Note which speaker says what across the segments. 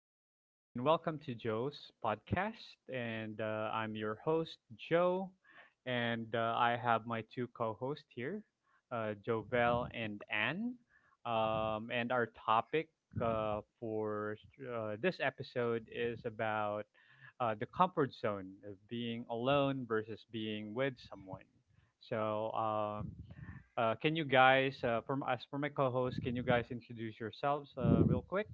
Speaker 1: afternoon. Welcome to Joe's podcast. And I'm your host, Joe. And I have my two co hosts here, Jovel and Anne. And our topic for this episode is about the comfort zone of being alone versus being with someone. So, can you guys, from as for my co host, can you guys introduce yourselves real quick?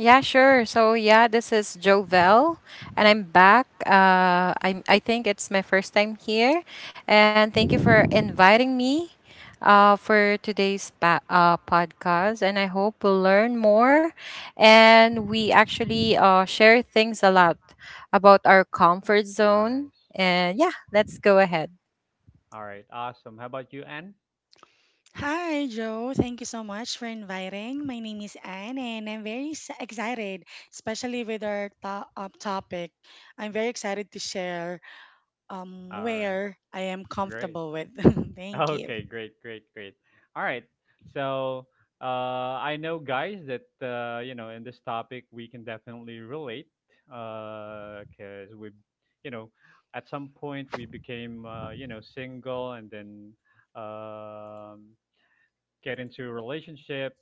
Speaker 2: Yeah, sure. So yeah, this is Jovel, and I'm back. I think it's my first time here, and thank you for
Speaker 1: Hmm.
Speaker 2: inviting me, for today's podcast. And I hope we'll learn more, and we actually share things a lot about our comfort zone.
Speaker 1: Nice.
Speaker 2: And yeah, let's go ahead.
Speaker 1: All right. Awesome. How about you, Anne?
Speaker 3: Hi, Joe. Thank you so much for inviting. My name is Anne, and I'm very excited, especially with our topic. I'm very excited to share
Speaker 1: All right.
Speaker 3: where I am
Speaker 1: Great.
Speaker 3: comfortable with. Thank you.
Speaker 1: Okay. Great. Great. Great. All right. So, I know, guys, that you know in this topic we can definitely relate because we, you know, at some point we became you know single and then um get into a relationship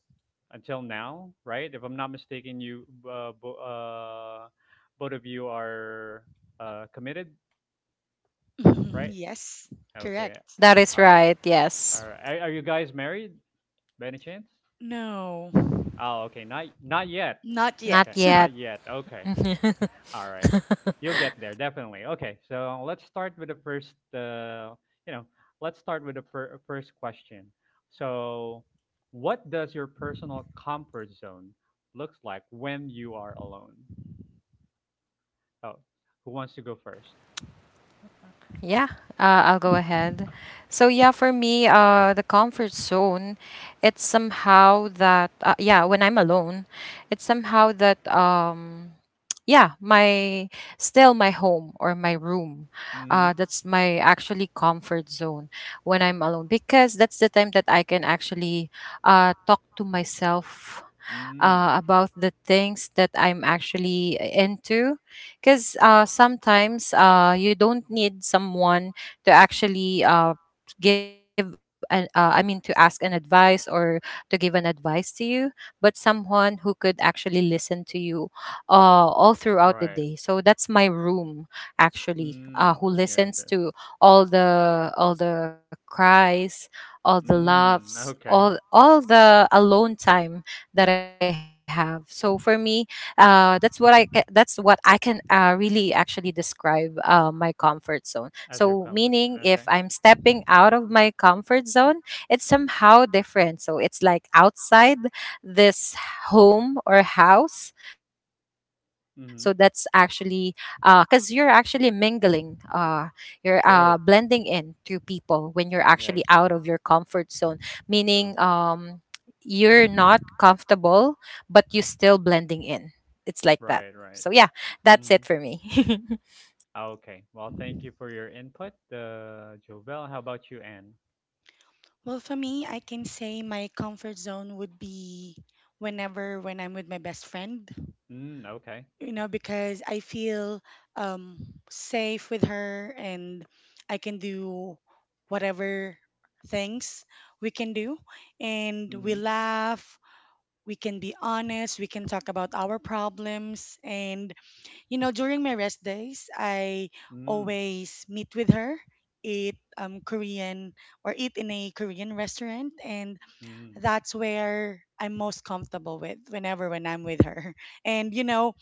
Speaker 1: until now, right? If I'm not mistaken, you both of you are committed,
Speaker 3: Mhm.
Speaker 1: right?
Speaker 3: Yes,
Speaker 2: That is
Speaker 1: Okay,
Speaker 3: correct.
Speaker 2: right.
Speaker 1: all right,
Speaker 2: Yes,
Speaker 1: all right. Are you guys married by any chance?
Speaker 3: No,
Speaker 1: Oh, okay, not
Speaker 2: not
Speaker 1: not
Speaker 2: yet.
Speaker 1: yet.
Speaker 3: not yet.
Speaker 1: Okay, not yet. Okay. All right. You'll get there, definitely. Okay, so let's start with the first, you know, let's start with the fir- first question. So, what does your personal comfort zone looks like when you are alone? Oh, who wants to go first?
Speaker 2: Yeah, I'll go ahead. So yeah, for me, the comfort zone, it's somehow that yeah, when I'm alone, it's somehow that yeah, my still my home or my room,
Speaker 1: Mm.
Speaker 2: that's my actually comfort zone when I'm alone, because that's the time that I can actually talk to myself
Speaker 1: Mm.
Speaker 2: about the things that I'm actually into. Because sometimes you don't need someone to actually I mean, to ask an advice or to give an advice to you, but someone who could actually listen to you, all throughout the day.
Speaker 1: Right.
Speaker 2: So that's my room actually,
Speaker 1: Mm.
Speaker 2: who
Speaker 1: Yes,
Speaker 2: listens
Speaker 1: yes.
Speaker 2: to all the cries, all the
Speaker 1: Mm.
Speaker 2: laughs,
Speaker 1: Okay,
Speaker 2: all the alone time that I have. So for me, that's what I can really actually describe my comfort zone.
Speaker 1: as your
Speaker 2: So
Speaker 1: comfort zone.
Speaker 2: meaning,
Speaker 1: Okay.
Speaker 2: if I'm stepping out of my comfort zone, it's somehow different. So it's like outside this home or house. So that's actually
Speaker 1: Mm-hmm.
Speaker 2: because you're actually mingling. You're blending
Speaker 1: True.
Speaker 2: in to people when you're actually out
Speaker 1: Yes.
Speaker 2: of your comfort zone, meaning
Speaker 1: True.
Speaker 2: you're not comfortable but you still blending in. It's like
Speaker 1: Right,
Speaker 2: that.
Speaker 1: right.
Speaker 2: So yeah,
Speaker 1: Hmm.
Speaker 2: that's it for me.
Speaker 1: Okay. Well, thank you for your input, Jovel. How about you, Anne?
Speaker 3: Well, for me, I can say my comfort zone would be whenever when I'm with my best friend.
Speaker 1: Mm, okay.
Speaker 3: Because I feel um, safe with her and I can do whatever things we can do. And we
Speaker 1: Mm-hmm.
Speaker 3: laugh, we can be honest, we can talk about our problems. And, during my rest days, I
Speaker 1: Mm,
Speaker 3: always meet with her. Eat Korean or eat in a Korean restaurant, and
Speaker 1: mm,
Speaker 3: that's where I'm most comfortable with whenever when I'm with her. And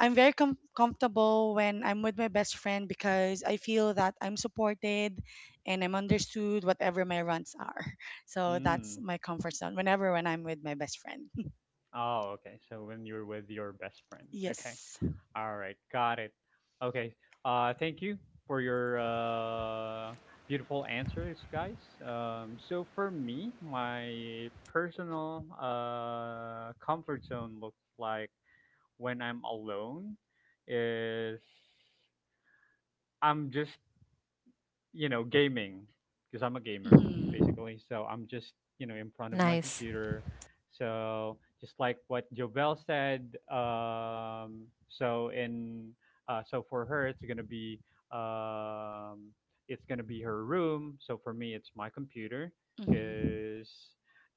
Speaker 3: I'm very comfortable when I'm with my best friend because I feel that I'm supported and I'm understood whatever my runs are. So that's
Speaker 1: mm.
Speaker 3: my comfort zone whenever when I'm with my best friend.
Speaker 1: Oh, okay. So when you're with your best friends, okay.
Speaker 3: Yes.
Speaker 1: All right, got it. Okay. Thank you for your beautiful answers, guys. So for me, my personal comfort zone looks like when I'm alone is I'm just, you know, gaming because I'm a gamer
Speaker 3: Mhm.
Speaker 1: basically. So I'm just, you know, in front of my computer. So just
Speaker 2: Nice.
Speaker 1: like what Jobel said, so for her um, it's gonna be her room. So for me it's my computer
Speaker 3: Mhm.
Speaker 1: because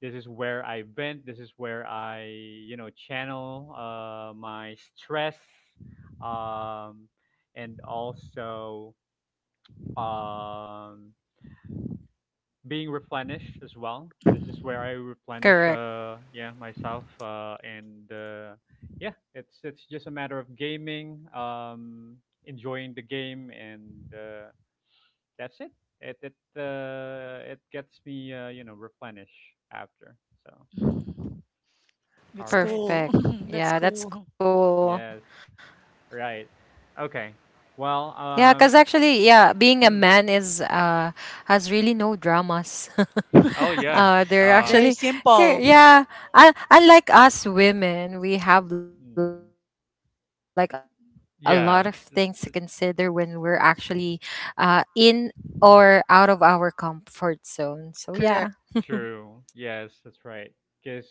Speaker 1: this is where I vent. This is where I, you know, channel my stress um, and also um being replenished as well. This is where
Speaker 3: Mhm.
Speaker 1: I replenish, yeah, myself, uh and
Speaker 2: Correct.
Speaker 1: uh yeah, it's just a matter of gaming, enjoying the game, and that's it. It gets me, you know, replenish after. So
Speaker 3: Mhm.
Speaker 1: all
Speaker 3: That's
Speaker 1: right.
Speaker 3: cool. That's cool.
Speaker 1: Yes.
Speaker 2: Perfect. Yeah, that's
Speaker 1: Right.
Speaker 2: cool.
Speaker 1: Okay. Well. Mm.
Speaker 2: Yeah, cause actually, yeah, being a man is has
Speaker 1: Oh,
Speaker 2: really
Speaker 1: yeah.
Speaker 2: no
Speaker 1: Uh
Speaker 3: Very
Speaker 2: dramas.
Speaker 3: simple.
Speaker 2: uh, they're actually, 'kay, yeah. I Unlike
Speaker 1: mm.
Speaker 2: us women, we have like a lot of
Speaker 1: Yeah.
Speaker 2: things to consider when we're actually, in or out of our comfort zone. So
Speaker 3: Correct.
Speaker 2: yeah.
Speaker 1: True. Yes, that's right. Because,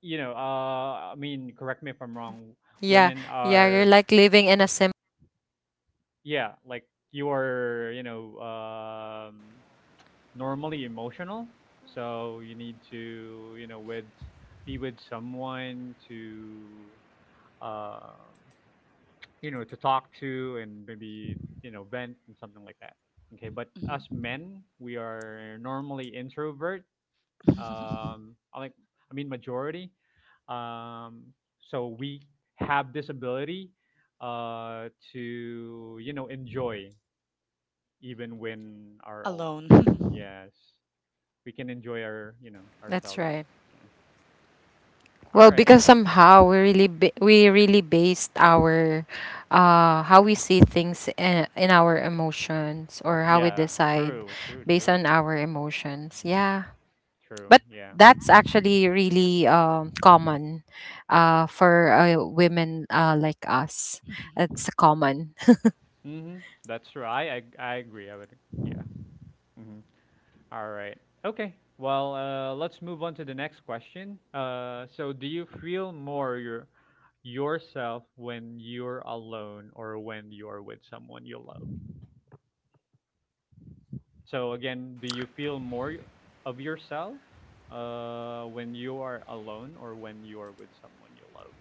Speaker 1: you know, I mean, correct me if I'm wrong.
Speaker 2: Yeah,
Speaker 1: Women
Speaker 2: yeah, you're
Speaker 1: are,
Speaker 2: like living in a simple life.
Speaker 1: yeah, like you are, you know, normally emotional. So you need to, you know, with be with someone to, um, you know, to talk to and maybe you know vent and something like that. Okay, but us
Speaker 3: Mhm.
Speaker 1: men, we are normally introvert um, I, like, I mean, majority. Um, so we have this ability to, you know, enjoy even when are alone.
Speaker 3: Alone.
Speaker 1: Yes, we can enjoy
Speaker 2: That's
Speaker 1: ourselves.
Speaker 2: right.
Speaker 1: Yeah. All
Speaker 2: Well,
Speaker 1: right.
Speaker 2: because somehow we really based our how we see things in our emotions, or how we
Speaker 1: Yeah,
Speaker 2: decide
Speaker 1: true, true,
Speaker 2: based
Speaker 1: true,
Speaker 2: on our emotions. Yeah.
Speaker 1: true.
Speaker 2: But
Speaker 1: Yeah.
Speaker 2: that's actually really common for women like us. It's common.
Speaker 1: Mm-hmm. That's true. I agree. I would. Yeah. Mm-hmm. All right. Okay. Well, let's move on to the next question. So, do you feel more yourself when you're alone or when you're with someone you love? So, again, do you feel more of yourself when you are alone or when you're with someone you love?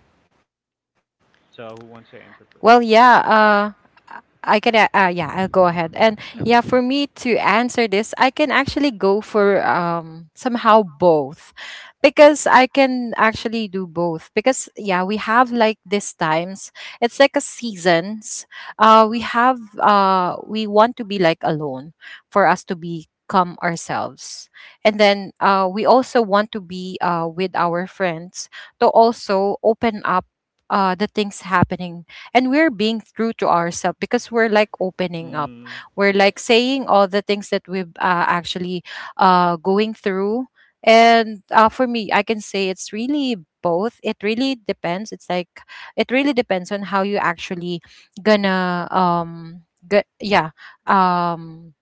Speaker 1: So, who wants to answer
Speaker 2: Well,
Speaker 1: first?
Speaker 2: yeah, uh yeah, I'll go ahead. And yeah,
Speaker 1: Okay.
Speaker 3: Mhm.
Speaker 2: for me to answer this, I can actually go for somehow both, because I can actually do both because yeah, we have like these times. It's like a seasons. We want to be like alone for us to become ourselves, and then we also want to be with our friends, to also open up the things happening, and we're being true to ourselves because we're like opening up,
Speaker 1: Mm,
Speaker 2: we're like
Speaker 1: yes.
Speaker 2: saying all the things that we've actually going through. And for me, I can say it's really both. It really depends. It really depends on how you actually gonna g- yeah um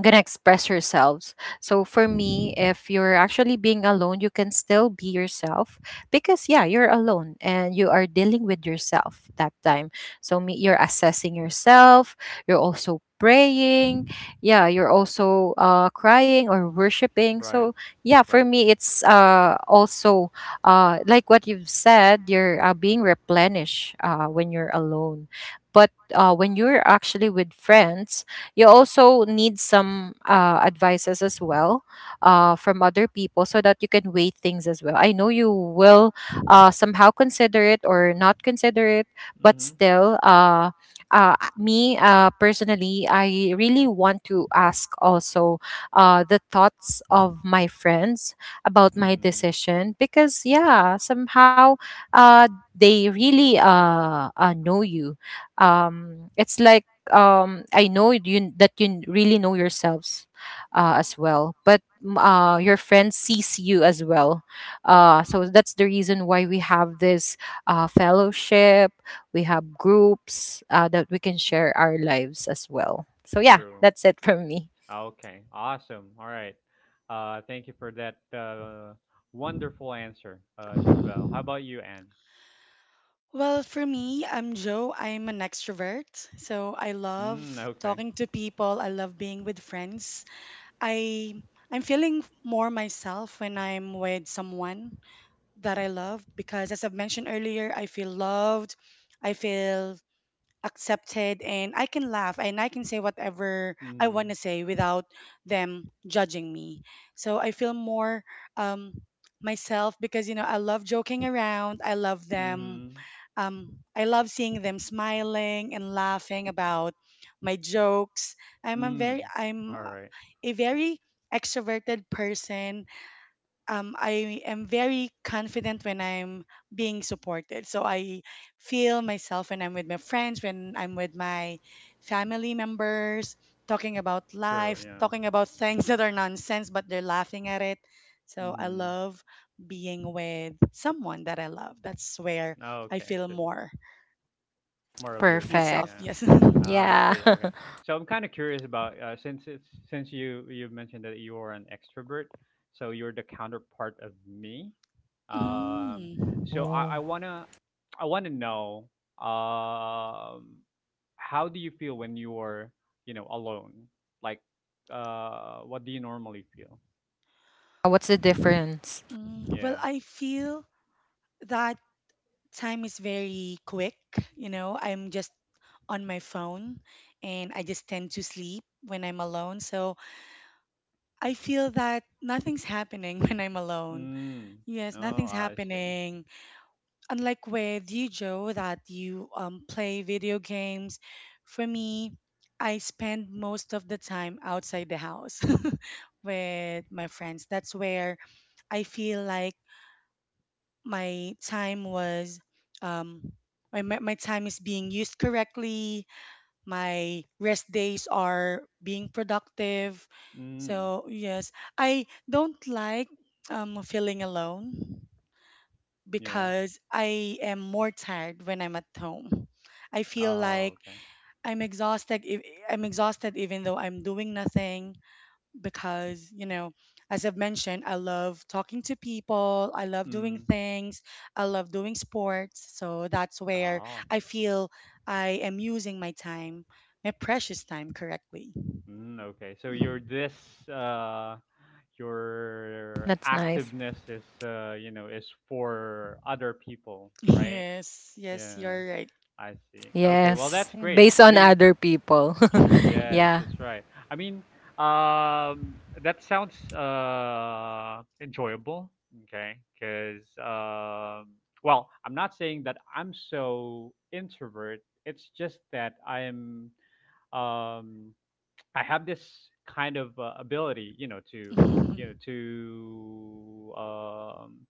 Speaker 2: gonna express yourselves. So for me, if you're actually being alone, you can still be yourself because yeah, you're alone and you are dealing with yourself that time. So me, you're assessing yourself. You're also praying. Yeah, you're also crying or worshiping. So
Speaker 1: Right.
Speaker 2: yeah, for
Speaker 1: Right.
Speaker 2: me, it's also like what you've said. You're being replenished when you're alone. But when you're actually with friends, you also need some advices as well, from other people, so that you can weigh things as well. I know you will somehow consider it or not consider it, but
Speaker 1: Mm-hmm.
Speaker 2: still, me personally, I really want to ask also the thoughts of my friends about my
Speaker 1: Mm,
Speaker 2: decision, because yeah, somehow uh they really know you. It's like I know you, that you really know yourselves as well, but mm, your friend sees you as well. So that's the reason why we have this fellowship, we have groups, that we can share our lives as well. So yeah,
Speaker 1: true.
Speaker 2: that's it from me.
Speaker 1: Okay. Awesome. All right. Thank you for that wonderful answer, Jovel. How
Speaker 3: Mhm.
Speaker 1: about you, Anne?
Speaker 3: Well, for me, I'm Joe. I'm an extrovert. So I
Speaker 1: Mm,
Speaker 3: love
Speaker 1: okay.
Speaker 3: talking to people. I love being with friends. I I'm feeling more myself when I'm with someone that I love because as I've mentioned earlier, I feel loved. I feel accepted and I can laugh and I can say whatever I want to
Speaker 1: Mm,
Speaker 3: say without them judging me. So I feel more um myself because I love joking around. I love them.
Speaker 1: mm,
Speaker 3: I love seeing them smiling and laughing about my jokes. I'm a very
Speaker 1: mm.
Speaker 3: I'm
Speaker 1: All right.
Speaker 3: a very extroverted person. I am very confident when I'm being supported. So I feel myself when I'm with my friends, when I'm with my family members, talking about
Speaker 1: True.
Speaker 3: life,
Speaker 1: Yeah.
Speaker 3: talking about things that are nonsense, but they're laughing at it. So I
Speaker 1: Mm.
Speaker 3: love being with someone that I love. That's where I
Speaker 1: Okay.
Speaker 3: feel
Speaker 1: So that's
Speaker 3: more
Speaker 1: more of yourself.
Speaker 3: myself,
Speaker 2: Perfect.
Speaker 1: Yeah.
Speaker 3: yes.
Speaker 1: I
Speaker 2: Yeah.
Speaker 1: see. Okay. So I'm kind of curious about, since you mentioned that you are an extrovert, so you're the counterpart of me
Speaker 3: Mm.
Speaker 1: um so
Speaker 2: Oh.
Speaker 1: I want to know, um how do you feel when you're, you know, alone, like, what do you normally feel?
Speaker 2: What's the difference?
Speaker 3: Mm. Well,
Speaker 1: Yeah.
Speaker 3: I feel that time is very quick. I'm just on my phone and I just tend to sleep when I'm alone. So I feel that nothing's happening when I'm alone.
Speaker 1: Mm.
Speaker 3: Yes,
Speaker 1: Oh,
Speaker 3: nothing's
Speaker 1: I see.
Speaker 3: happening. Unlike with you, Joe, that you play video games, for me, I spend most of the time outside the house with my friends. That's where I feel like my time was, um, my time is being used correctly. My rest days are being productive.
Speaker 1: Mm.
Speaker 3: So, yes, I don't like feeling alone
Speaker 1: Yeah.
Speaker 3: because I am more tired when I'm at home. I feel like
Speaker 1: Oh, okay.
Speaker 3: I'm exhausted. I'm exhausted even though I'm doing nothing because, as I've mentioned, I love talking to people. I love doing
Speaker 1: Mm.
Speaker 3: things. I love doing sports. So that's where
Speaker 1: Oh.
Speaker 3: I feel I am using my time, my precious time correctly.
Speaker 1: Mm, okay, so
Speaker 3: Mhm.
Speaker 2: That's nice.
Speaker 1: your activeness is, you know, is for other people, right?
Speaker 3: Yes, yes,
Speaker 1: Yeah,
Speaker 3: you're
Speaker 2: Yes,
Speaker 3: right.
Speaker 2: based
Speaker 1: I
Speaker 2: on
Speaker 1: see.
Speaker 2: other
Speaker 1: Okay, well that's
Speaker 2: people.
Speaker 1: great. I mean,
Speaker 2: yeah.
Speaker 1: yes, that's right. I mean, um, that sounds enjoyable. Okay, because, well, I'm not saying that I'm so introvert. It's just that um I have this kind of ability,
Speaker 3: Mhm,
Speaker 1: you know to um,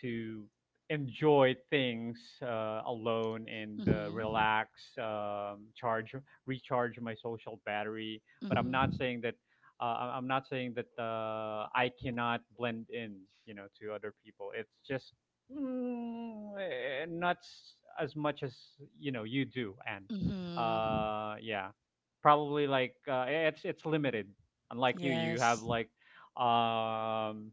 Speaker 1: to enjoy things, alone and,
Speaker 3: mhm,
Speaker 1: relax, charge, recharge my social battery. But I'm not
Speaker 3: mhm,
Speaker 1: saying that, I cannot blend in, you know, to other people. It's just, not as much as you know you do, and,
Speaker 3: mhm.
Speaker 1: yeah, probably like, it's limited. Unlike you, you have
Speaker 3: Yes.
Speaker 1: like um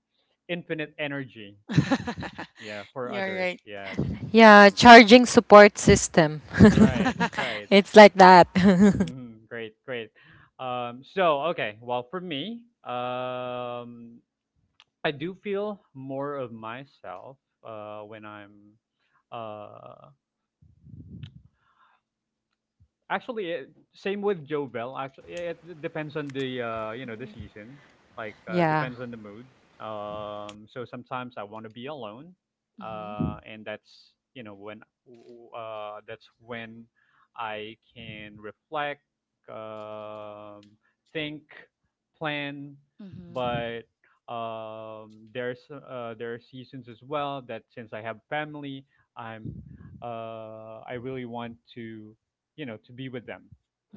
Speaker 1: infinite energy. Yeah, for
Speaker 3: You're
Speaker 1: others.
Speaker 3: right.
Speaker 1: Yes.
Speaker 2: Yeah,
Speaker 1: Okay.
Speaker 2: charging support system.
Speaker 1: That's right. That's right.
Speaker 2: it's like that.
Speaker 1: Hmm. Great, great. So okay. Well, for me, I do feel more of myself, when I'm uh, actually, eh, same with Jovel. Actually, it depends on the, you know, the season. Like,
Speaker 2: yeah,
Speaker 1: depends on the mood. So sometimes I want to be alone,
Speaker 3: Mhm.
Speaker 1: and that's, you know, when that's when I can reflect, um, think, plan.
Speaker 3: Mhm.
Speaker 1: But, there are seasons as well that since I have family, I'm I really want to, you know, to be with them.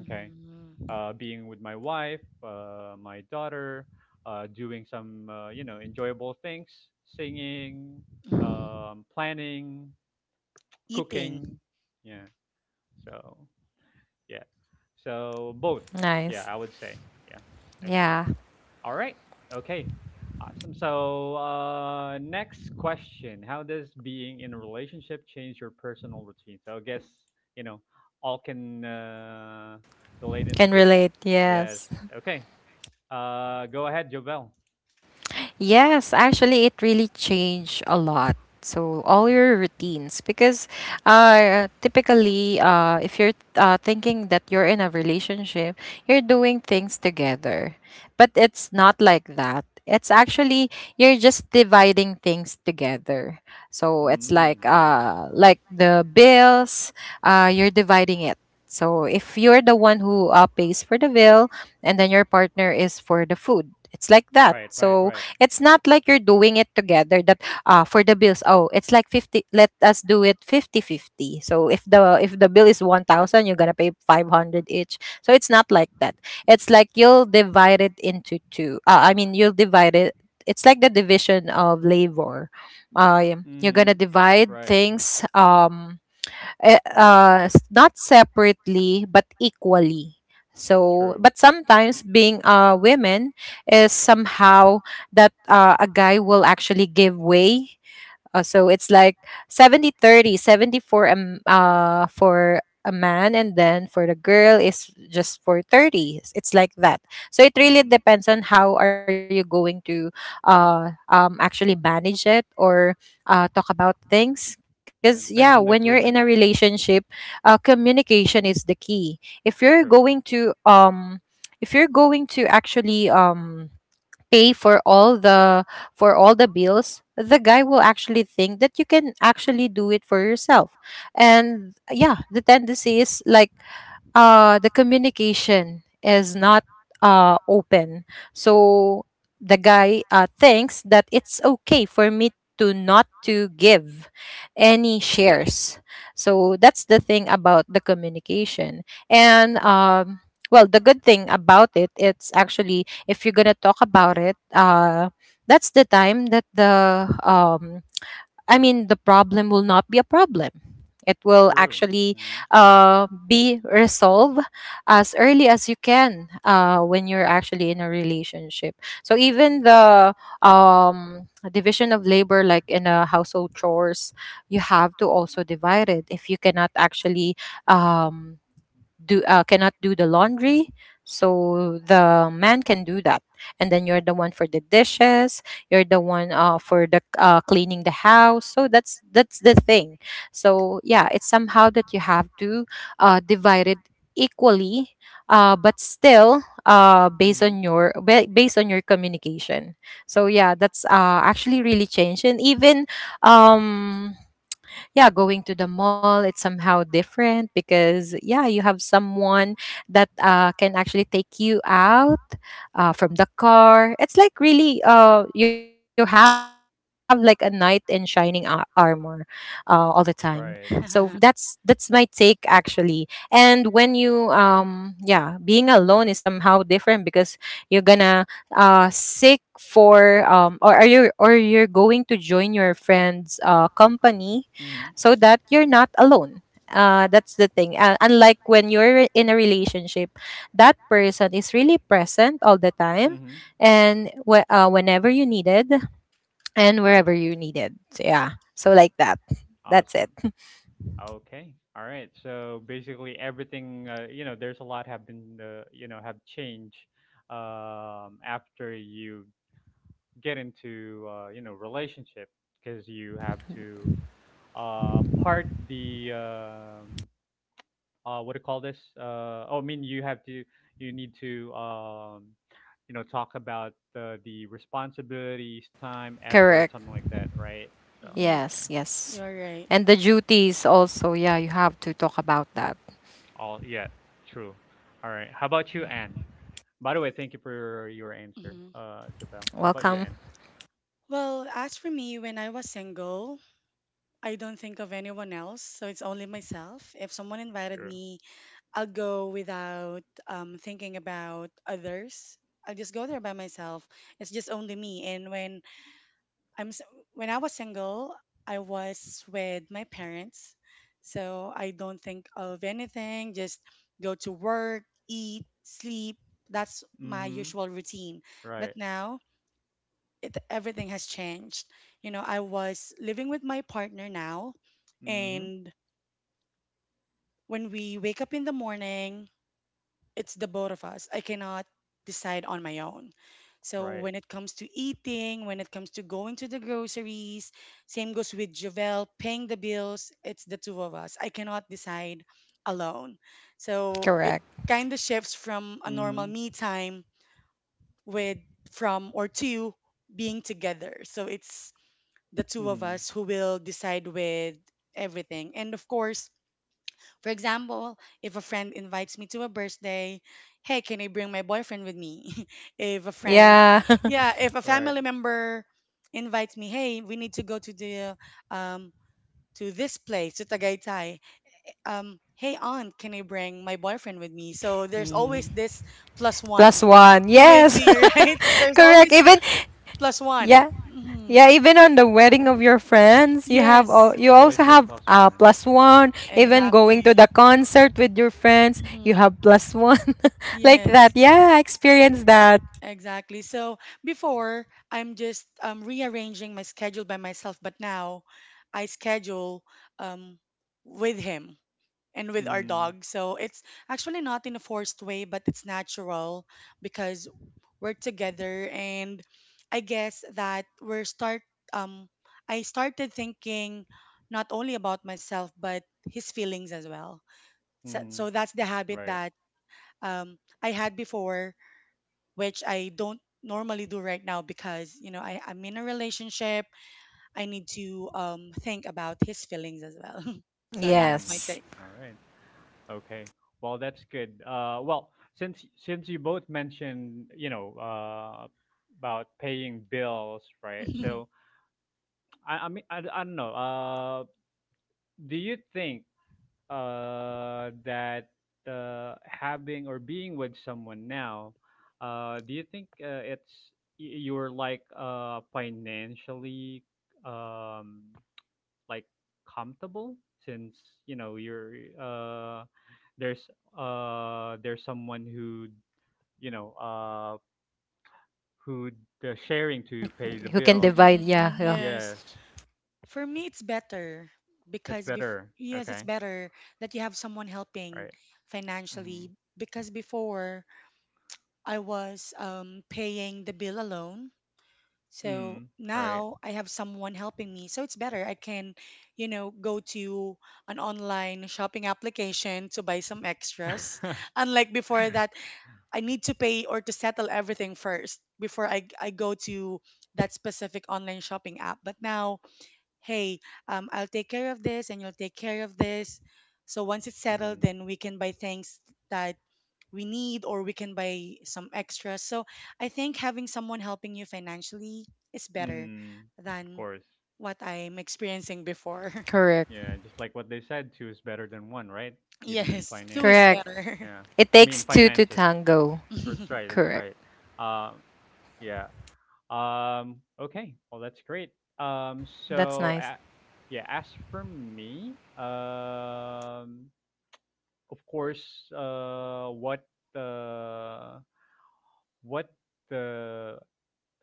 Speaker 1: Okay. Being with my wife, my daughter, doing some, you know, enjoyable things, singing,
Speaker 3: Mhm.
Speaker 1: planning,
Speaker 3: Eating.
Speaker 1: cooking. Yeah, so yeah, so both. Yeah,
Speaker 2: nice.
Speaker 1: I would say. Yeah. Okay,
Speaker 2: Yeah,
Speaker 1: all right. Okay. Awesome. So, next question: how does being in a relationship change your personal routine? So, I guess you know all can relate into
Speaker 2: can
Speaker 1: this.
Speaker 2: relate.
Speaker 1: Yes.
Speaker 2: Yes.
Speaker 1: Okay. Go ahead, Jovel.
Speaker 2: Yes, actually, it really changed a lot. So all your routines, because typically, if you're thinking that you're in a relationship, you're doing things together, but it's not like that. It's actually you're just dividing things together. So it's
Speaker 1: Mm, nice.
Speaker 2: like the bills, you're dividing it. So if you're the one who pays for the bill, and then your partner is for the food, it's like that.
Speaker 1: Right. Right.
Speaker 2: So
Speaker 1: Right.
Speaker 2: it's not like you're doing it together, that for the bills, oh, it's like 50, let us do it fifty-50. So if the bill is 1000, you're going to pay 500 each. So it's not like that. It's like you'll divide it into two. I mean, you'll divide it, it's like the division of labor. You're going to
Speaker 1: Mm-hmm.
Speaker 2: divide
Speaker 1: Right.
Speaker 2: things not separately but equally. So,
Speaker 1: True.
Speaker 2: but sometimes being a woman is somehow that a guy will actually give way, so it's like 70-30, 70 for a, for a man, and then for the girl is just for 30. It's like that. So it really
Speaker 1: Mm-hmm.
Speaker 2: depends on how are you going to actually manage it, or talk about things. Because,
Speaker 1: Yeah.
Speaker 2: yeah,
Speaker 1: Depends on the
Speaker 2: when you're in
Speaker 1: agreement.
Speaker 2: a relationship, communication is the key. If you're
Speaker 1: True.
Speaker 2: going to, actually, pay for all the bills, the guy will actually think that you can actually do it for yourself, and yeah, the tendency is like the communication is not open. So the guy thinks that it's okay for me to not to give any shares. So that's the thing about the communication. And well, the good thing about it, it's actually if you're gonna talk about it, that's the time that the I mean, the problem will not be a problem. It will
Speaker 1: True.
Speaker 2: actually
Speaker 1: Yeah.
Speaker 2: be resolved as early as you can, when you're actually in a relationship. So even the division of labor, like in a household chores, you have to also divide it. If you cannot actually um, do cannot do the laundry, so the man can do that, and then you're the one for the dishes, you're the one for the cleaning the house. So that's the thing. So yeah, it's somehow that you have to divide it equally, but still
Speaker 1: Hmm.
Speaker 2: based on your communication. So yeah, that's actually really changed. And even um yeah, going to the mall, it's somehow different because, yeah, you have someone that can actually take you out from the car. It's like really, you have like a knight in armor all the time. So
Speaker 1: Right.
Speaker 2: that's my take actually. And when you, yeah, being alone is somehow different because you're gonna seek for or are you or you're going to join your friend's company,
Speaker 1: Hmm.
Speaker 2: so that you're not alone. That's the thing. Unlike when you're in a relationship, that person is really present all the time,
Speaker 1: Hmm.
Speaker 2: and whenever you needed, and
Speaker 1: Right.
Speaker 2: wherever you needed. So, yeah. So, like that. That's it.
Speaker 1: Awesome. Okay. All right. So basically, everything, you know, there's a lot have been, you know, have changed, after you get into, you know, relationship because you have to, part the, um, what do you call this, oh, I mean, you need to, you know, talk about the responsibilities, time, effort,
Speaker 2: Correct.
Speaker 1: something like that, right? So
Speaker 3: Mhm.
Speaker 2: Yes,
Speaker 1: yeah,
Speaker 2: yes.
Speaker 3: You're right.
Speaker 2: And the duties also. Yeah, you have to talk about that.
Speaker 1: all, yeah, true, all right. How about you, Anne? By the way, thank you for your answer,
Speaker 3: Mhm.
Speaker 1: Jobel. How about you, Anne?
Speaker 2: Welcome.
Speaker 3: Well, as for me, when I was single, I don't think of anyone else, so it's only myself. If someone invited
Speaker 1: Sure.
Speaker 3: me, I'll go without thinking about others. I'll just go there by myself. It's just only me. And when I'm s- when I was single, I was with my parents, so I don't think of anything. Just go to work, eat, sleep. That's my
Speaker 1: Mm-hmm.
Speaker 3: usual routine. But
Speaker 1: Right.
Speaker 3: now everything has changed. I was living with my partner now,
Speaker 1: Mm-hmm.
Speaker 3: and when we wake up in the morning, it's the both of us. I cannot decide on my own. So when
Speaker 1: Right.
Speaker 3: it comes to eating, when it comes to going to the groceries, same goes with Jovel, paying the bills, it's the two of us. I cannot decide alone. So it
Speaker 2: Correct.
Speaker 3: kind of shifts from a normal
Speaker 1: Mm-hmm.
Speaker 3: me time with from or two being together. So it's the two of
Speaker 1: Mm-hmm.
Speaker 3: us who will decide with everything. And of course, for example, if a friend invites me to a birthday, hey, can I bring my boyfriend with me? if a friend,
Speaker 2: Yeah.
Speaker 3: Yeah, if a
Speaker 1: Right.
Speaker 3: family member invites me, hey, we need to go to the um to this place, to Tagaytay. Hey aunt, can I bring my boyfriend with me? So there's always
Speaker 1: Mm-hmm.
Speaker 3: this plus one
Speaker 2: Plus one.
Speaker 3: with
Speaker 2: Yes.
Speaker 1: Yes.
Speaker 3: me, right? There's
Speaker 2: Correct.
Speaker 3: always
Speaker 2: Even,
Speaker 3: plus one.
Speaker 2: yeah.
Speaker 3: Hmm.
Speaker 2: Yeah, even on the wedding of your friends, you have all,
Speaker 3: Yes,
Speaker 2: you
Speaker 1: It's
Speaker 2: also
Speaker 1: always been
Speaker 2: have,
Speaker 1: plus one.
Speaker 2: plus one. Even
Speaker 1: Yes.
Speaker 2: going to the
Speaker 3: exactly.
Speaker 2: concert with your friends, you
Speaker 3: Hmm.
Speaker 2: have plus one, like that.
Speaker 3: Yes.
Speaker 2: Yeah, I experienced that.
Speaker 3: Exactly. So before, I'm just rearranging my schedule by myself, but now I schedule um, with him and with our
Speaker 1: Mm,
Speaker 3: dog. So it's actually not in a forced way, but it's natural because we're together. And I guess that um, I started thinking not only about myself, but his feelings as well. So,
Speaker 1: mm,
Speaker 3: that's the habit
Speaker 1: right.
Speaker 3: that um, I had before, which I don't normally do right now because I'm in a relationship. I need to think about his feelings as well. So that's my
Speaker 1: Mm,
Speaker 3: take.
Speaker 2: Yes,
Speaker 1: all right. Okay. Well, that's good. Well, since you both mentioned, you know, about paying bills, right? So, I mean, I don't know. Do you think that, having or being with someone now, do you think it's, you're like, financially, um, like, comfortable, since you know you're, uh, there's there's someone who, you know, who they're sharing
Speaker 2: who
Speaker 1: to
Speaker 2: can
Speaker 1: pay the
Speaker 2: divide? Yeah,
Speaker 1: bills.
Speaker 2: yeah,
Speaker 3: Mm,
Speaker 1: Yeah,
Speaker 3: yes. For me, it's better
Speaker 1: it's
Speaker 3: because bef
Speaker 1: better.
Speaker 3: yes, it's
Speaker 1: Okay,
Speaker 3: better that you have someone helping
Speaker 1: right. Mm-hmm.
Speaker 3: financially because before I was paying the bill alone. So
Speaker 1: Mm, right.
Speaker 3: now I have someone helping me. So it's better. I can, go to an online shopping application to buy some extras. Unlike before that, I need to pay or to settle everything first before I go to that specific online shopping app. But now, hey, I'll take care of this and you'll take care of this. So once it's settled,
Speaker 1: Mm-hmm.
Speaker 3: then we can buy things that we need or we can buy some extras. So I think having someone helping you financially is better
Speaker 1: Mm, of
Speaker 3: than
Speaker 1: course.
Speaker 3: what I'm experiencing before.
Speaker 2: correct,
Speaker 1: Yeah, just like what they said, two is better than one, right? Even in
Speaker 3: Yes, two is
Speaker 1: financial.
Speaker 2: correct.
Speaker 3: better.
Speaker 1: Yeah.
Speaker 2: It
Speaker 1: I mean
Speaker 2: takes two to
Speaker 1: finances.
Speaker 2: tango.
Speaker 1: That's right, that's
Speaker 2: Correct.
Speaker 1: right. Um yeah. Okay. Well that's great.
Speaker 2: That's
Speaker 1: So
Speaker 2: nice.
Speaker 1: a yeah, as for me, of course, uh what uh what the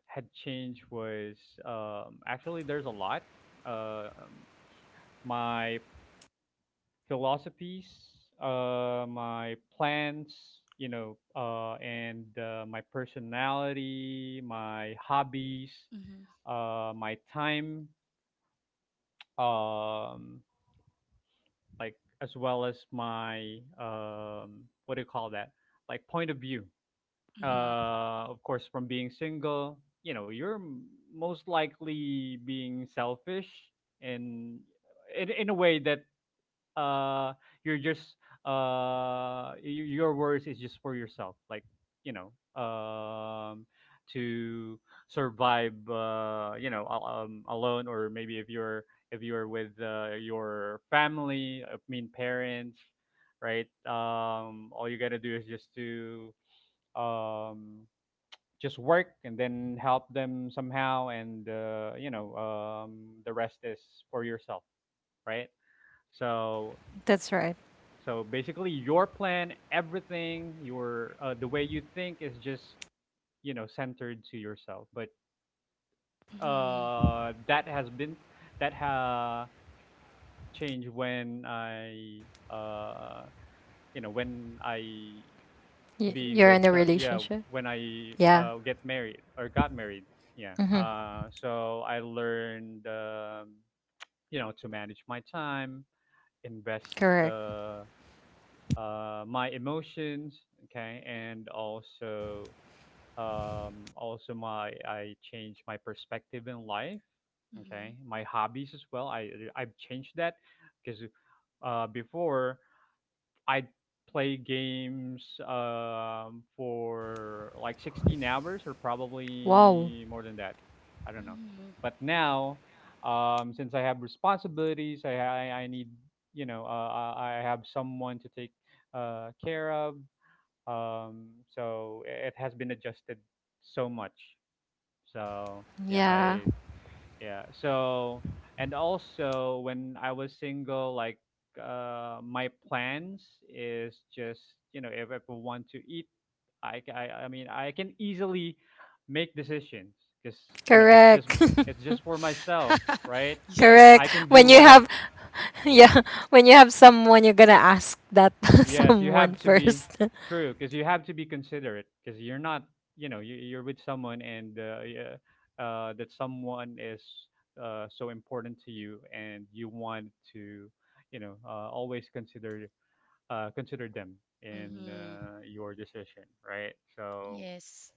Speaker 1: had changed was, actually, there's a lot. Uh, Um my philosophies, my plans, you know, and my personality, my hobbies,
Speaker 3: Mhm,
Speaker 1: my time, um, like, as well as my, what do you call that? Like, point of view.
Speaker 3: mhm,
Speaker 1: Of course, from being single, you know, you're most likely being selfish and in a way that, uh you're just, your worries is just for yourself, like, you know, um to survive, you know, alone, or maybe if you're, with, your family, I mean parents, right? All you gotta do is just to, um just work and then help them somehow, and, you know, the rest is for yourself, right?
Speaker 2: That's
Speaker 1: So,
Speaker 2: right.
Speaker 1: so basically, your plan, everything, your the way you think is just, you know, centered to yourself. But,
Speaker 3: mhm, mhm,
Speaker 1: that has been, that ha- has been changed when I, uh, you know, when I,
Speaker 2: Y- you're in a relationship.
Speaker 1: yeah, when I,
Speaker 2: Yeah.
Speaker 1: get married or got married. Yeah.
Speaker 2: Mm-hmm.
Speaker 1: So I learned, you know, to manage my time, invest.
Speaker 2: Correct.
Speaker 1: Uh, my emotions. Okay, and also, also my I changed my perspective in life.
Speaker 3: mhm,
Speaker 1: Okay, my hobbies as well. I've changed that because, before, I'd play games, for like 16 hours or
Speaker 2: Wow.
Speaker 1: probably more than that. I don't know.
Speaker 3: mhm, mhm.
Speaker 1: But now, since I have responsibilities, I need you know uh, I have someone to take care of. Um, so it has been adjusted so much. So yeah,
Speaker 2: Yeah.
Speaker 1: I yeah so and also when I was single, like my plans is just, you know, if I want to eat, I mean I can easily make decisions, because you know
Speaker 2: Correct.
Speaker 1: it's just for myself, right?
Speaker 3: Yes.
Speaker 2: correct.
Speaker 1: I can do
Speaker 2: When you
Speaker 1: what I,
Speaker 2: have yeah, when you have someone, you're gonna ask that
Speaker 1: yes, you
Speaker 2: someone
Speaker 1: have to be
Speaker 2: first.
Speaker 1: true, because you have to be considerate because you're not, you know, you're with someone, and yeah, that someone is so important to you, and you want to, you know, always consider consider them in
Speaker 3: Hmm.
Speaker 1: your decision, right? So
Speaker 3: Yes.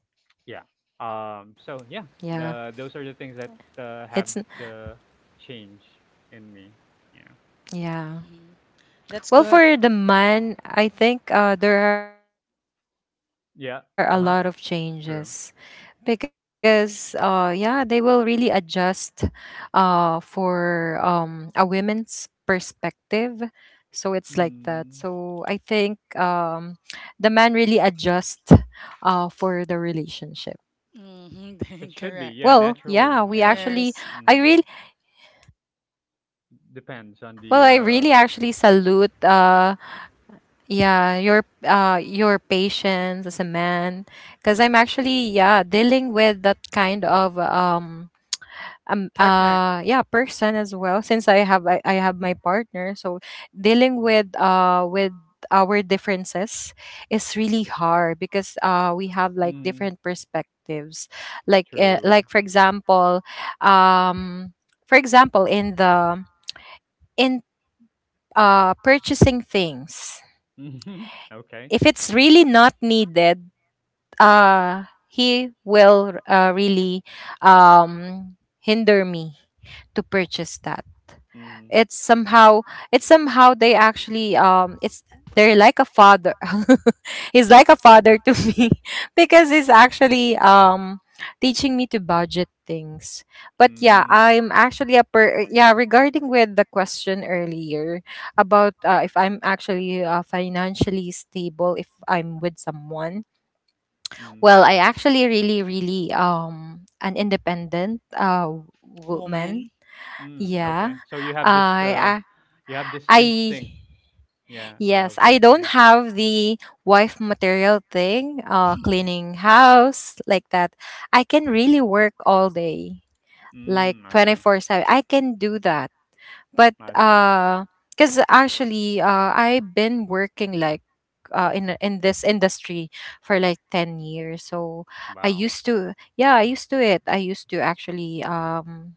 Speaker 1: yeah, um, so
Speaker 2: yeah,
Speaker 1: yeah, the those are the things that
Speaker 2: it's n-
Speaker 1: have the change in me. Yeah,
Speaker 2: yeah.
Speaker 3: Hmm. That's
Speaker 2: Well,
Speaker 3: good.
Speaker 2: for the man, I think there are a lot of changes
Speaker 1: yeah, uh huh,
Speaker 2: because
Speaker 1: true.
Speaker 2: yeah, they will really adjust for a woman's perspective. So it's like that.
Speaker 1: Mm.
Speaker 2: So I think the man really adjust for the relationship.
Speaker 3: Hmm.
Speaker 1: It should be,
Speaker 3: Correct.
Speaker 1: yeah,
Speaker 2: Well,
Speaker 1: naturally,
Speaker 2: yeah, we
Speaker 1: yeah.
Speaker 3: Yes.
Speaker 2: actually I
Speaker 1: Mm.
Speaker 2: really
Speaker 1: Depends on
Speaker 2: Well,
Speaker 1: the
Speaker 2: I
Speaker 1: uh
Speaker 2: really actually salute yeah, your patience as a man, because I'm actually yeah, dealing with that kind of
Speaker 3: Partner,
Speaker 2: yeah, person as well, since I have my partner. So dealing with our differences is really hard, because we have like
Speaker 1: mm,
Speaker 2: different perspectives. Like
Speaker 1: true.
Speaker 2: um for example in the in purchasing things.
Speaker 1: Mhm. Okay.
Speaker 2: If it's really not needed, he will really hinder me to purchase that.
Speaker 1: Mm.
Speaker 2: It's somehow it's somehow they actually it's they're like a father. He's like a father to me. Because he's actually teaching me to budget things. But yeah,
Speaker 1: Mm.
Speaker 2: I'm actually a per yeah, regarding with the question earlier about if I'm actually financially stable if I'm with someone.
Speaker 1: Mm.
Speaker 2: Well, I actually really really an independent woman.
Speaker 3: woman.
Speaker 1: Mm.
Speaker 2: Yeah.
Speaker 1: Okay. So
Speaker 2: I
Speaker 1: you have this
Speaker 2: I
Speaker 1: instinct, yeah,
Speaker 2: Yes,
Speaker 1: of
Speaker 2: I don't
Speaker 1: the
Speaker 2: have the wife material thing, uh, cleaning house like that. I can really work all day, like
Speaker 1: mm, okay.
Speaker 2: 24/7. I can do that. But
Speaker 1: I see.
Speaker 2: cuz actually I've been working like in this industry for like 10 years. So
Speaker 1: Wow.
Speaker 2: I used to actually um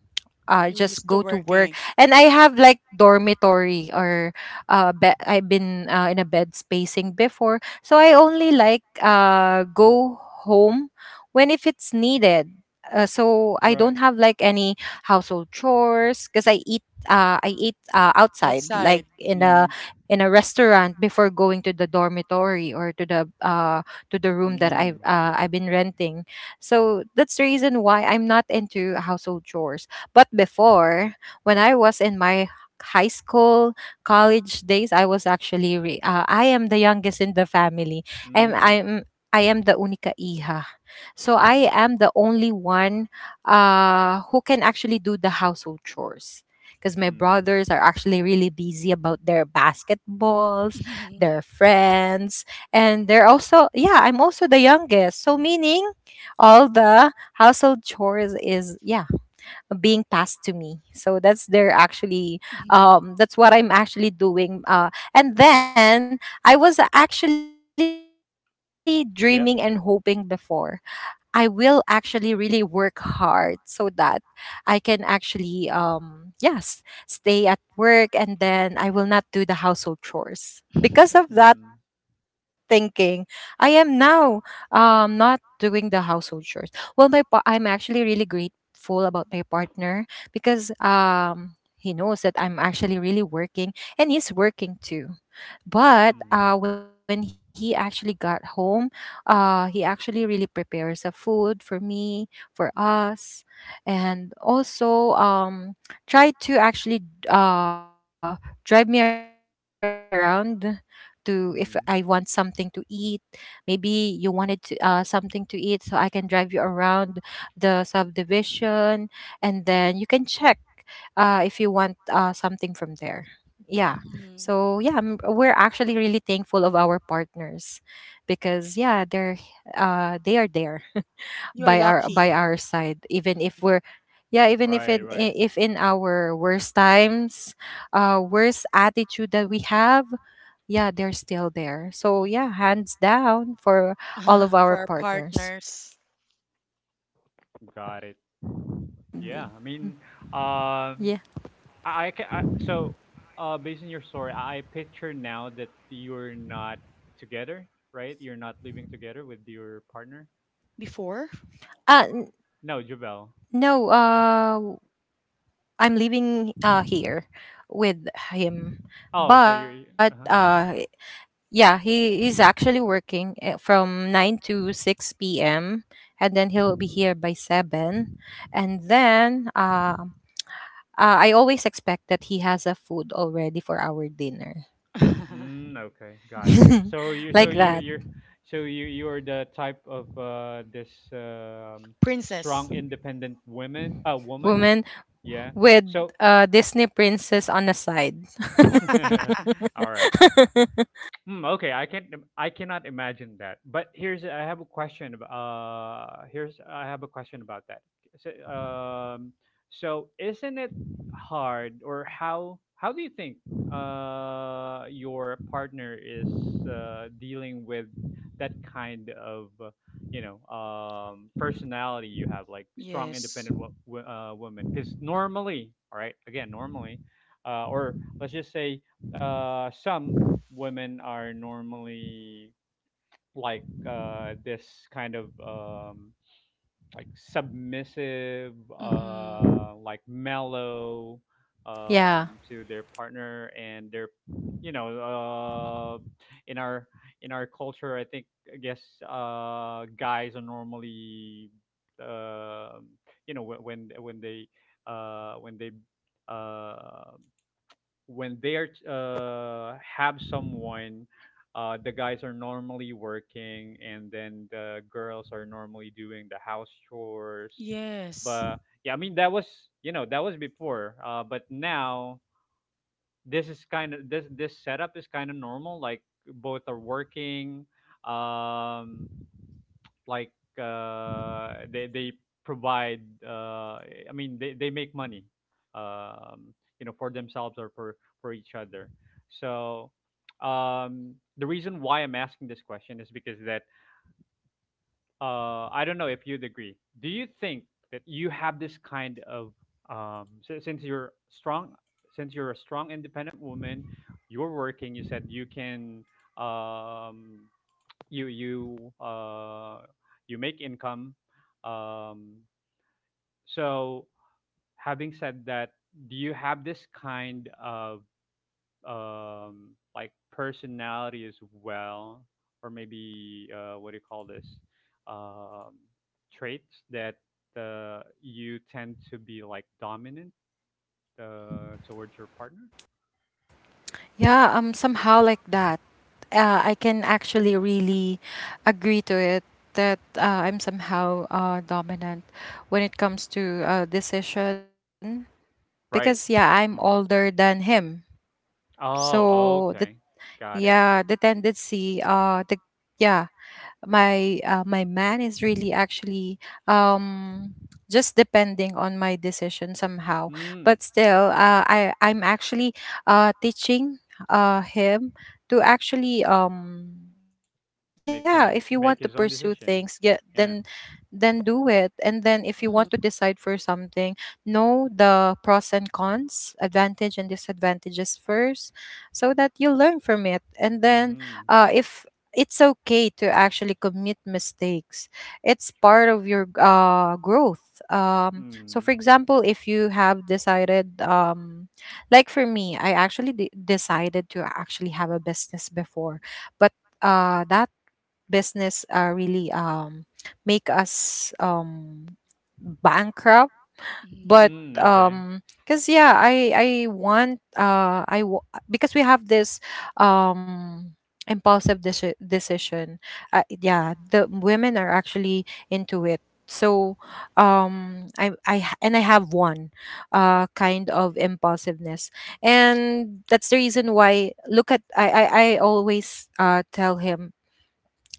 Speaker 2: uh,
Speaker 3: You're
Speaker 2: just
Speaker 3: used to
Speaker 2: go to work,
Speaker 3: working
Speaker 2: and I have like dormitory or I've been in a bed spacing before, so I only like go home when if it's needed. So I don't
Speaker 1: Right.
Speaker 2: have like any household chores because I eat outside, like
Speaker 3: outside.
Speaker 1: Mm.
Speaker 2: in a restaurant, before going to the dormitory or to the room that
Speaker 1: Mm.
Speaker 2: I've been renting. So that's the reason why I'm not into household chores. But before, when I was in my high school, college days, I was actually re- I am the youngest in the family. I'm
Speaker 1: Mm.
Speaker 2: I'm I am the única hija. So
Speaker 3: Mm-hmm.
Speaker 2: I am the only one who can actually do the household chores, because my
Speaker 1: Mm.
Speaker 2: brothers are actually really busy about their basketballs,
Speaker 3: Mhm,
Speaker 2: their friends, and they're also, yeah, I'm also the youngest. So meaning all the household chores is, yeah, being passed to me. So that's their actually
Speaker 3: mhm,
Speaker 2: that's what I'm actually doing. And then I was actually dreaming and hoping
Speaker 1: Yep.
Speaker 2: before I will actually really work hard, so that I can actually yes, stay at work, and then I will not do the household chores.
Speaker 3: mhm,
Speaker 2: Because of that
Speaker 1: Mm.
Speaker 2: thinking, I am now not doing the household chores. Well, I'm actually really grateful about my partner, because he knows that I'm actually really working, and he's working too. But
Speaker 1: Mm.
Speaker 2: when he actually got home, he actually really prepares a food for me, for us, and also try to actually uh, drive me around to if I want something to
Speaker 1: Mm.
Speaker 2: eat. Maybe you wanted to, something to eat, so I can drive you around the subdivision, and then you can check if you want something from there. Yeah.
Speaker 3: mhm.
Speaker 2: So yeah, we're actually really thankful of our partners, because yeah, they're they are there
Speaker 3: You are lucky.
Speaker 2: by our side, even if
Speaker 3: Mhm,
Speaker 2: we're yeah, even if
Speaker 1: Right, right.
Speaker 2: if in our worst times, worst attitude that we have, yeah, they're still there. So yeah, hands down for all
Speaker 3: mhm.
Speaker 2: of
Speaker 3: For
Speaker 2: our
Speaker 3: our
Speaker 2: partners.
Speaker 3: partners
Speaker 1: Got it. Yeah. I mean, um,
Speaker 2: Yeah.
Speaker 1: I can. I, so, based on your story, I picture now that you're not together, right? You're not living together with your partner.
Speaker 3: before.
Speaker 2: Uh n-
Speaker 1: No, Jubel.
Speaker 2: no, I'm living here with him,
Speaker 1: Oh, so
Speaker 2: but
Speaker 1: you're. Uh huh.
Speaker 2: yeah, he is actually working, eh, from 9 to 6 p.m., and then he'll be here by 7. And then I always expect that he has a food already for our dinner.
Speaker 1: Mm, okay, got you. So you, so
Speaker 2: Like
Speaker 1: you,
Speaker 3: Mhm.
Speaker 2: that.
Speaker 1: you're, so you are the type of this
Speaker 3: Princess.
Speaker 1: strong, independent women,
Speaker 3: Mhm.
Speaker 1: woman.
Speaker 2: Woman
Speaker 1: Yeah.
Speaker 2: with
Speaker 1: So,
Speaker 2: Disney princess on the side.
Speaker 1: all right. Hmm, okay, I can't. I cannot imagine that. But here's I have a question about that. So, so isn't it hard, or how do you think your partner is dealing with that kind of you know, personality you have, like strong,
Speaker 3: Yes.
Speaker 1: independent woman? Because normally, all right, again, normally, or let's just say some women are normally like this kind of like submissive,
Speaker 3: Mhm.
Speaker 1: like mellow,
Speaker 2: Yeah.
Speaker 1: to their partner, and they're, you know, in our in our culture, I think, I guess guys are normally um you know, when they uh, when they uh, when they are have someone, the guys are normally working, and then the girls are normally doing the house chores.
Speaker 3: Yes.
Speaker 1: But yeah, I mean that was, you know, that was before. But now this is kind of, this setup is kind of normal. Like both are working. Um, like they provide I mean they make money, um, you know, for themselves or for each other, so the reason why I'm asking this question is because that I don't know if you'd agree. Do you think that you have this kind of since you're strong, since you're a strong independent woman, you're working, you said you can um, you you uh, you make income. Um, so having said that, do you have this kind of like personality as well, or maybe what do you call this, um, traits that you tend to be like dominant towards your partner?
Speaker 2: Yeah, somehow like that. I can actually really agree to it that I'm somehow, dominant when it comes to decision, because yeah,
Speaker 1: Right.
Speaker 2: I'm older
Speaker 1: Hmm.
Speaker 2: than him. So
Speaker 1: Oh,
Speaker 2: the
Speaker 1: okay. Got it.
Speaker 2: yeah, the tendency the yeah, my my man is really actually um just depending on my decision somehow.
Speaker 1: Mm.
Speaker 2: But still i'm actually teaching him to actually yeah, if you want to
Speaker 1: Make him
Speaker 2: pursue
Speaker 1: make
Speaker 2: things
Speaker 1: his own
Speaker 2: get
Speaker 1: decision. Yeah.
Speaker 2: then do it, and then if you want to decide
Speaker 3: Mhm,
Speaker 2: for something, know the pros and cons, advantage and disadvantages first, so that you learn from it. And then
Speaker 1: Mm,
Speaker 2: if it's okay to actually commit mistakes. It's
Speaker 1: true.
Speaker 2: part of your growth. So,
Speaker 1: Mm.
Speaker 2: for example, if you have decided, like for me, decided to actually have a business before, but that business really make us bankrupt.
Speaker 3: mhm,
Speaker 2: But
Speaker 1: Mm, okay.
Speaker 2: because yeah, I want I w- because we have this um decision. Yeah, the women are actually into it. So and I have one kind of impulsiveness, and that's the reason why look at I always tell him,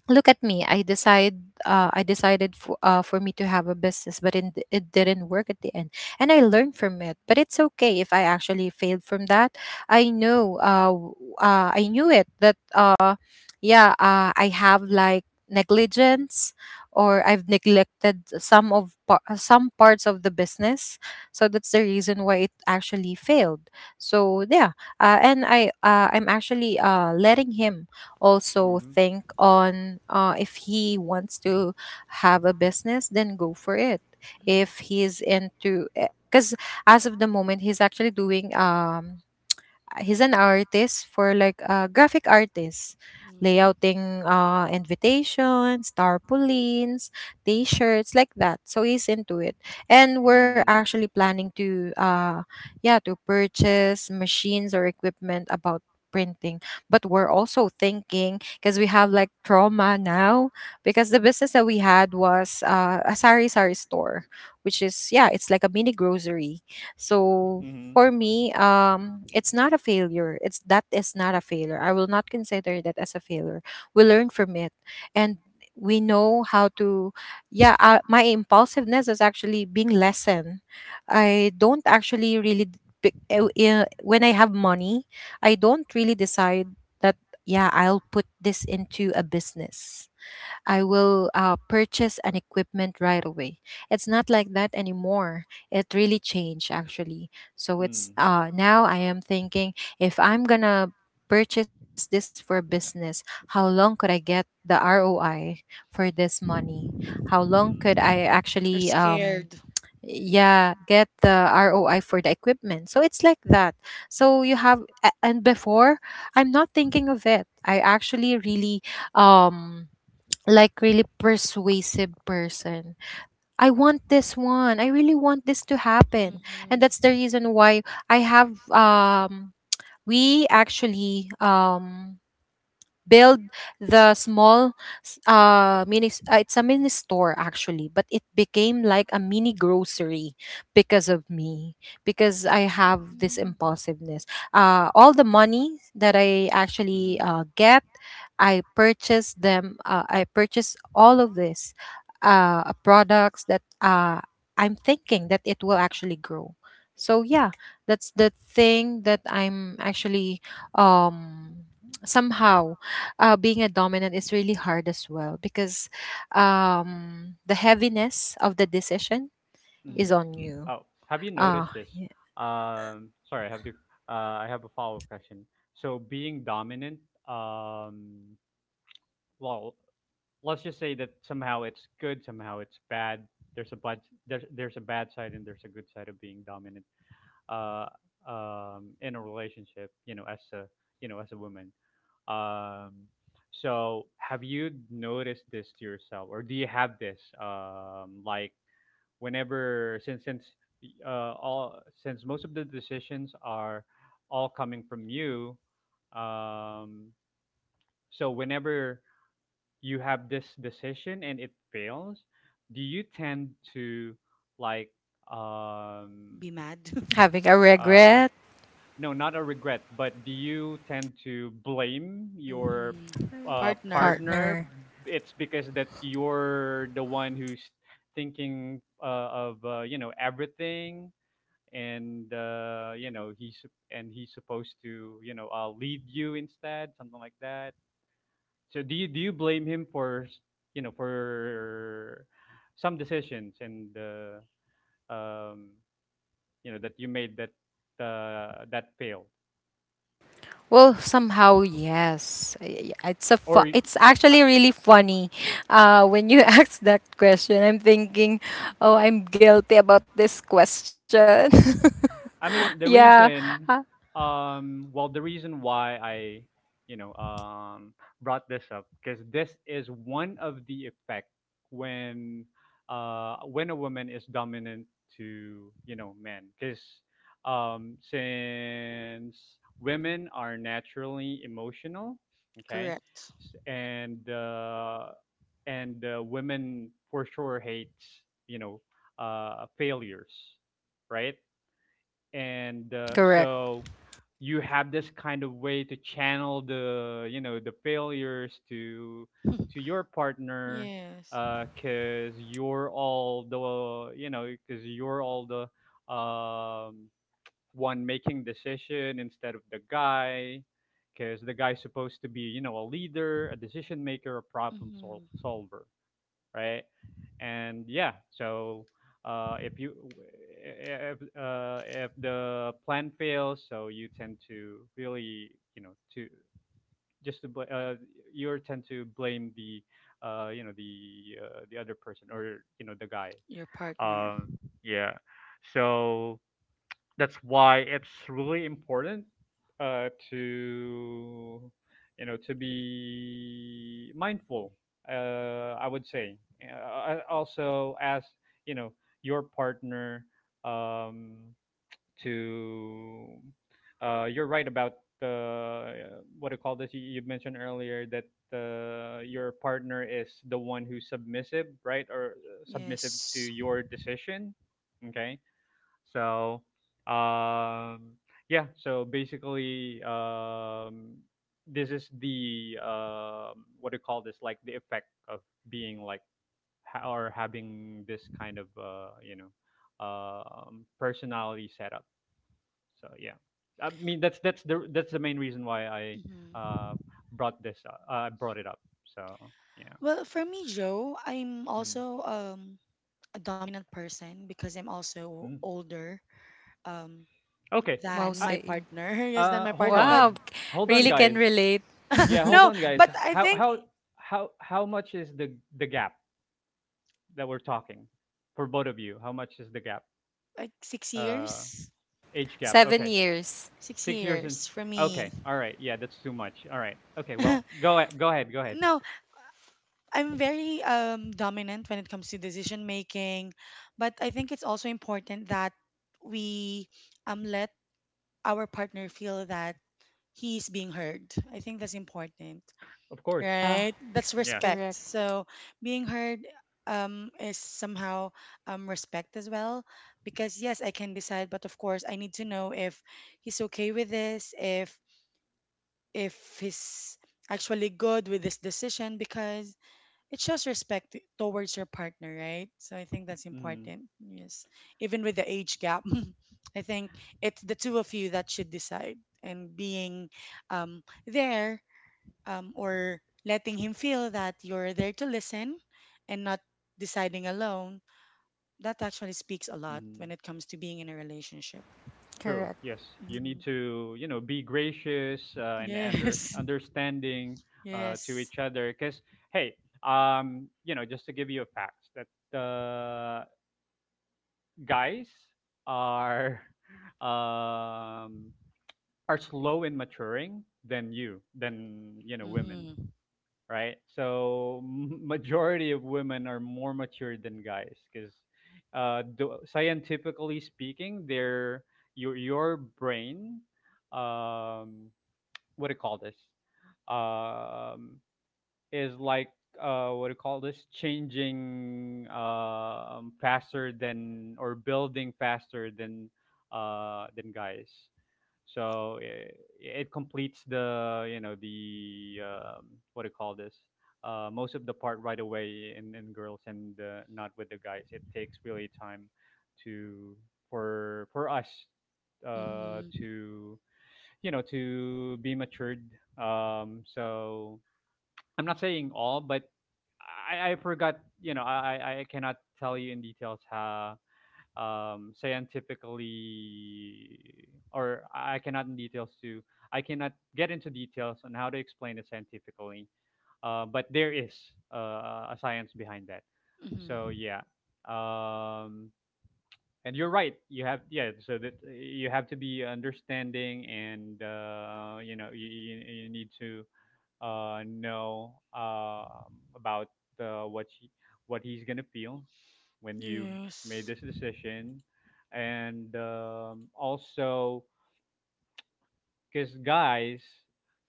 Speaker 2: look at me, I decide, I decided for me to have a business, but it didn't work at the end. And I learned from it. But it's okay if I actually failed from that. I know I knew it that yeah, I have like negligence, or I've neglected some of some parts of the business. So that's the reason why it actually failed. So yeah, and I'm actually letting him also
Speaker 1: Mm-hmm.
Speaker 2: think on if he wants to have a business, then go for it.
Speaker 3: mhm,
Speaker 2: If he's into, because as of the moment, he's actually doing he's an artist for like graphic artists,
Speaker 3: mhm.
Speaker 2: layouting invitations, tarpaulins, t-shirts, like that. So he's into it, and we're
Speaker 1: Mm.
Speaker 2: actually planning to yeah, to purchase machines or equipment about printing, but we're also thinking, because we have like trauma now, because the business that we had was a sari sari store, which is yeah, it's like a mini grocery. So
Speaker 1: Mm-hmm.
Speaker 2: for me, it's not a failure. It's that is not a failure. I will not consider that as a failure. We learn from it, and we know how to. Yeah, my impulsiveness is actually being lessened. I don't actually really d- pick- When I have money, I don't really decide that. Yeah, I'll put this into a business. I will purchase an equipment right away. It's not like that anymore. It really changed actually. So
Speaker 1: Mm.
Speaker 2: it's now I am thinking if I'm gonna purchase this for business, how long could I get the ROI for this money? How long
Speaker 1: Mm.
Speaker 2: could I
Speaker 3: You're
Speaker 2: actually
Speaker 3: scared.
Speaker 2: yeah, get the ROI for the equipment? So it's like that. And before, I'm not thinking of it. I actually really um like really persuasive person. I want this one. I really want this to happen. And
Speaker 3: Mhm,
Speaker 2: that's the reason why I have we actually build the small it's a mini store actually, but it became like a mini grocery because of me, because I have this
Speaker 3: mhm,
Speaker 2: impulsiveness. All the money that I actually
Speaker 1: Mm-hmm.
Speaker 2: get, I purchase all of this products that I'm thinking that it will actually grow. So yeah, that's the thing that I'm actually um somehow being a dominant is really hard as well, because the heaviness of the decision
Speaker 1: Mm-hmm.
Speaker 2: is on
Speaker 3: mhm.
Speaker 2: you.
Speaker 1: Oh, have you noticed
Speaker 2: Uh,
Speaker 1: this?
Speaker 2: yeah.
Speaker 1: Sorry, I have to. I have a follow-up question. So, being dominant, um, well, let's just say that somehow it's good, somehow it's bad. There's a bad there's a bad side and there's a good side of being dominant, uh, in a relationship. You know, as a, you know, as a woman. Um, so have you noticed this to yourself, or do you have this like whenever, uh, since most of the decisions are all coming from you. Um, so whenever you have this decision and it fails, do you tend to like um
Speaker 3: Be mad.
Speaker 2: Having a
Speaker 1: uh
Speaker 2: regret
Speaker 1: no, not a regret, but do you tend to blame your
Speaker 3: Mhm. Partner.
Speaker 1: partner?
Speaker 2: partner.
Speaker 1: It's because that you're the one who's thinking, of, you know, everything, and you know and he's supposed to, you know, lead you instead, something like that. So do you, blame him for you know, for some decisions and, um, you know, that you made that that failed,
Speaker 2: Well, somehow yes. It's a
Speaker 1: or y-
Speaker 2: it's actually really funny. When you ask that question, I'm thinking, oh, I'm guilty about this question.
Speaker 1: I mean,
Speaker 2: Yeah, uh,
Speaker 1: well, the reason why you know, brought this up, because this is one of the effect when, when a woman is dominant to, you know, men. Because, since women are naturally emotional, okay,
Speaker 3: Correct.
Speaker 1: and women for sure hates, you know, failures, right? And
Speaker 2: correct.
Speaker 1: so you have this kind of way to channel the, you know, the failures to your partner,
Speaker 3: Yes.
Speaker 1: because you're all the, you know, because you're all the, one making decision instead of the guy, because the guy's supposed to be, you know, a leader, a decision maker, a problem
Speaker 3: Mhm.
Speaker 1: solver, right? And yeah, so if you, if the plan fails, so you tend to really, you know, to just to you tend to blame the, you know, the, the other person, or, you know, the guy.
Speaker 3: Your partner.
Speaker 1: Um, yeah, so that's why it's really important to, you know, to be mindful. I would say, I also ask, you know, your partner um, to, you're right about the, what do you call this? You mentioned earlier that your partner is the one who's submissive, right, or submissive to
Speaker 3: Yes.
Speaker 1: your decision. Okay, so, um, yeah. So basically, this is the, what do you call this? Like the effect of being like or having this kind of, you know, personality setup. So yeah, I mean that's the main reason why I uh,
Speaker 3: Hmm.
Speaker 1: brought this up, brought it up. So yeah.
Speaker 3: Well, for me, Joe, I'm
Speaker 1: Mhm.
Speaker 3: also a dominant person because I'm also
Speaker 1: Mhm.
Speaker 3: older um,
Speaker 1: Okay.
Speaker 2: Wow,
Speaker 3: than
Speaker 1: Uh,
Speaker 3: my
Speaker 2: same.
Speaker 3: partner. Yes, than my
Speaker 1: hold
Speaker 3: partner. But
Speaker 1: on,
Speaker 2: Wow, really
Speaker 3: mhm.
Speaker 1: guys.
Speaker 2: can relate.
Speaker 1: Yeah, hold
Speaker 3: No,
Speaker 1: on, guys.
Speaker 3: but I think
Speaker 1: How much is the gap that we're talking for both of you? How much is the gap?
Speaker 3: like six
Speaker 1: Uh,
Speaker 3: years,
Speaker 1: age gap. Okay,
Speaker 2: 7 years.
Speaker 3: six
Speaker 1: 6 years and
Speaker 3: years for
Speaker 1: okay.
Speaker 3: me.
Speaker 1: All right. Yeah, that's too much. All right. Okay. Well, go ahead. Go ahead.
Speaker 3: No, I'm very dominant when it comes to decision making. But I think it's also important that we let our partner feel that he's being heard. I think that's important,
Speaker 1: Of course.
Speaker 3: right?
Speaker 2: Yeah,
Speaker 3: That's
Speaker 1: Yes.
Speaker 3: respect.
Speaker 2: correct,
Speaker 3: So being heard is somehow respect as well because yes, I can decide, but of course I need to know if he's okay with this, if he's actually good with this decision because it shows respect towards your partner, right? So I think that's
Speaker 1: Mm-hmm.
Speaker 3: important. Yes. Even with the age gap, I think it's the two of you that should decide and being there, or letting him feel that you're there to listen and not deciding alone, that actually speaks a lot
Speaker 1: Mm-hmm.
Speaker 3: when it comes to being in a relationship.
Speaker 1: True.
Speaker 2: correct.
Speaker 1: Yes. You
Speaker 3: Hmm.
Speaker 1: need to, you know, be gracious and
Speaker 3: Yes.
Speaker 1: understanding to
Speaker 3: Yes.
Speaker 1: each other. Cause hey, you know, just to give you a fact that. Uh, guys are um, are slow in maturing than you, than, you know, women,
Speaker 3: Mm-hmm.
Speaker 1: right? So majority of women are more mature than guys, because scientifically speaking, their, your brain, um, what do you call this, um, is like, what do you call this, changing faster than, or building faster than, than guys. So it completes the, you know, the, what do you call this, most of the part right away in girls, and not with the guys, it takes really time to, for us
Speaker 3: Mm-hmm.
Speaker 1: to, you know, to be matured, so I'm not saying all, but I forgot. You know, I cannot tell you in details how, scientifically, or I cannot in details to, I cannot get into details on how to explain it scientifically. But there is a science behind that. So
Speaker 3: Mm-hmm.
Speaker 1: yeah, um, and you're right. You have yeah. So that you have to be understanding, and, you know, you, you need to know about what he, what he's gonna feel when you made
Speaker 3: Yes.
Speaker 1: this decision, and also because guys,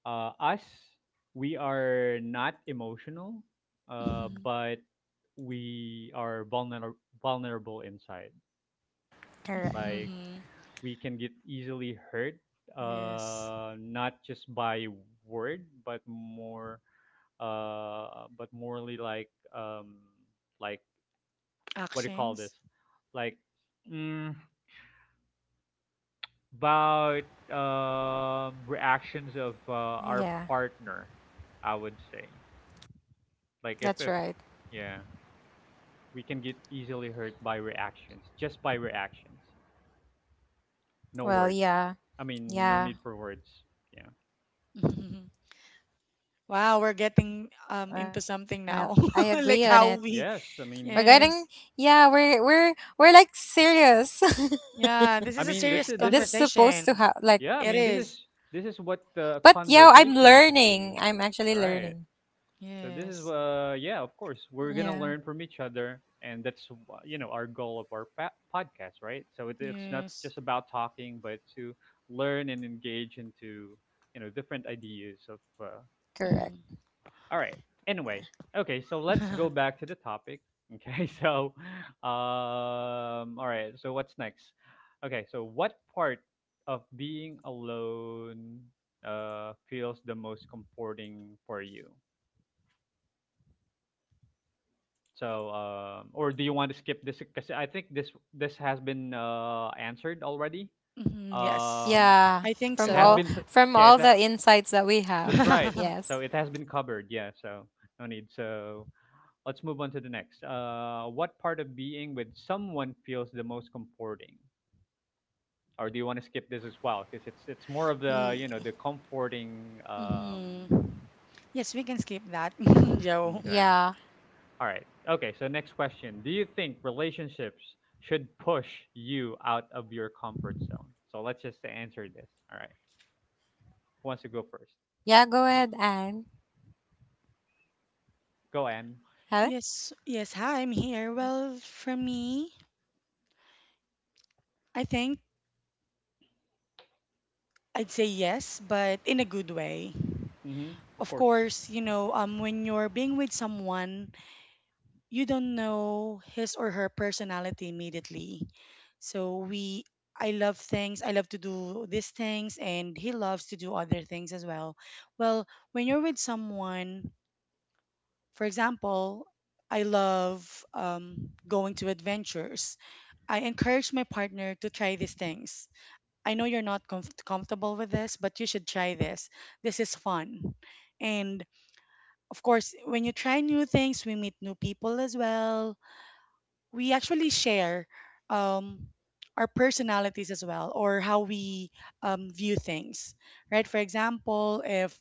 Speaker 1: us, we are not emotional,
Speaker 3: Mm-hmm.
Speaker 1: but we are vulnerable inside.
Speaker 2: Correct.
Speaker 1: Like
Speaker 3: Mm-hmm.
Speaker 1: we can get easily hurt,
Speaker 3: Yes.
Speaker 1: not just by word, but more but morally, like, um like, what do you call
Speaker 3: Actions.
Speaker 1: this, like mm, about reactions of our
Speaker 2: Yeah,
Speaker 1: partner, I would say, like
Speaker 2: that's
Speaker 1: if
Speaker 2: right.
Speaker 1: yeah, we can get easily hurt by reactions, just by reactions, no
Speaker 2: Well,
Speaker 1: words,
Speaker 2: yeah,
Speaker 1: I mean no
Speaker 2: yeah.
Speaker 1: need for words, yeah.
Speaker 3: Mhm.
Speaker 2: Well, I
Speaker 3: Wow, we're
Speaker 2: agree on
Speaker 3: getting
Speaker 2: it.
Speaker 3: into something
Speaker 2: We're
Speaker 3: now.
Speaker 2: getting,
Speaker 3: Like
Speaker 2: yeah,
Speaker 3: how
Speaker 2: we're
Speaker 3: we.
Speaker 1: Yes,
Speaker 2: we're
Speaker 1: I mean,
Speaker 2: we're like
Speaker 3: Yes.
Speaker 2: serious. This is supposed to
Speaker 3: Yeah,
Speaker 2: have
Speaker 3: this
Speaker 1: I
Speaker 3: is a
Speaker 2: like,
Speaker 1: mean
Speaker 3: serious
Speaker 1: this is
Speaker 3: conversation.
Speaker 1: yeah I
Speaker 3: It
Speaker 1: mean
Speaker 2: but
Speaker 3: is.
Speaker 2: yeah, I'm
Speaker 1: this is what the
Speaker 2: learning. I'm actually
Speaker 1: conversation should
Speaker 2: learning.
Speaker 1: be, right? So this is
Speaker 3: Yes.
Speaker 1: yeah,
Speaker 2: Yeah,
Speaker 1: of course, we're gonna learn from each other, and you know, our goal of our podcast, right? So it, it's not
Speaker 3: Yes.
Speaker 1: just about talking, but to learn and engage into, you know, different ideas of,
Speaker 2: correct.
Speaker 1: you know.
Speaker 3: Mhm.
Speaker 1: All right. Anyway, okay, so let's go back to the topic. Okay, so all right, so what's next? Okay, so what part of being alone feels the most comforting for you? So, or do you want to skip this? Because I think this has been answered already.
Speaker 3: Mhm, Yes.
Speaker 1: Um,
Speaker 2: Yeah,
Speaker 3: I think
Speaker 1: it
Speaker 2: from
Speaker 1: has
Speaker 2: all,
Speaker 3: so.
Speaker 1: been,
Speaker 2: from
Speaker 1: yeah, it,
Speaker 2: all
Speaker 1: ha-
Speaker 2: the insights that we
Speaker 1: that's
Speaker 2: have.
Speaker 1: right. So
Speaker 2: Yes.
Speaker 1: it has been covered. Yeah, so no need. So let's move on to the next. What part of being with someone feels the most comforting? Or do you want to skip this as well? Because it's more of the
Speaker 2: Y-
Speaker 1: the comforting.
Speaker 3: Mhm. Yes, we can skip that, Joe.
Speaker 1: Okay.
Speaker 2: yeah.
Speaker 1: All right. Okay. So next question: do you think relationships should push you out of your comfort zone? So let's just answer this. All right. Who wants to go
Speaker 2: Yeah.
Speaker 1: first?
Speaker 2: Go ahead, Anne.
Speaker 1: Go, Anne.
Speaker 2: Huh?
Speaker 3: Yes, yes, hi, I'm here. Well, for me, I think I'd say yes, but in a good way.
Speaker 1: Mm-hmm. Of
Speaker 3: Of
Speaker 1: course.
Speaker 3: course, when you're being with someone you don't know his or her personality immediately. So we I love things, I love to do these things and he loves to do other things as well. Well, when you're with someone, for example, I love going to adventures. I encourage my partner to try these things. I know you're not comfortable with this, but you should try this. This is fun. And of course, when you try new things, we meet new people as well. We actually share um, our personalities as well, or how we view things. Right, for example, if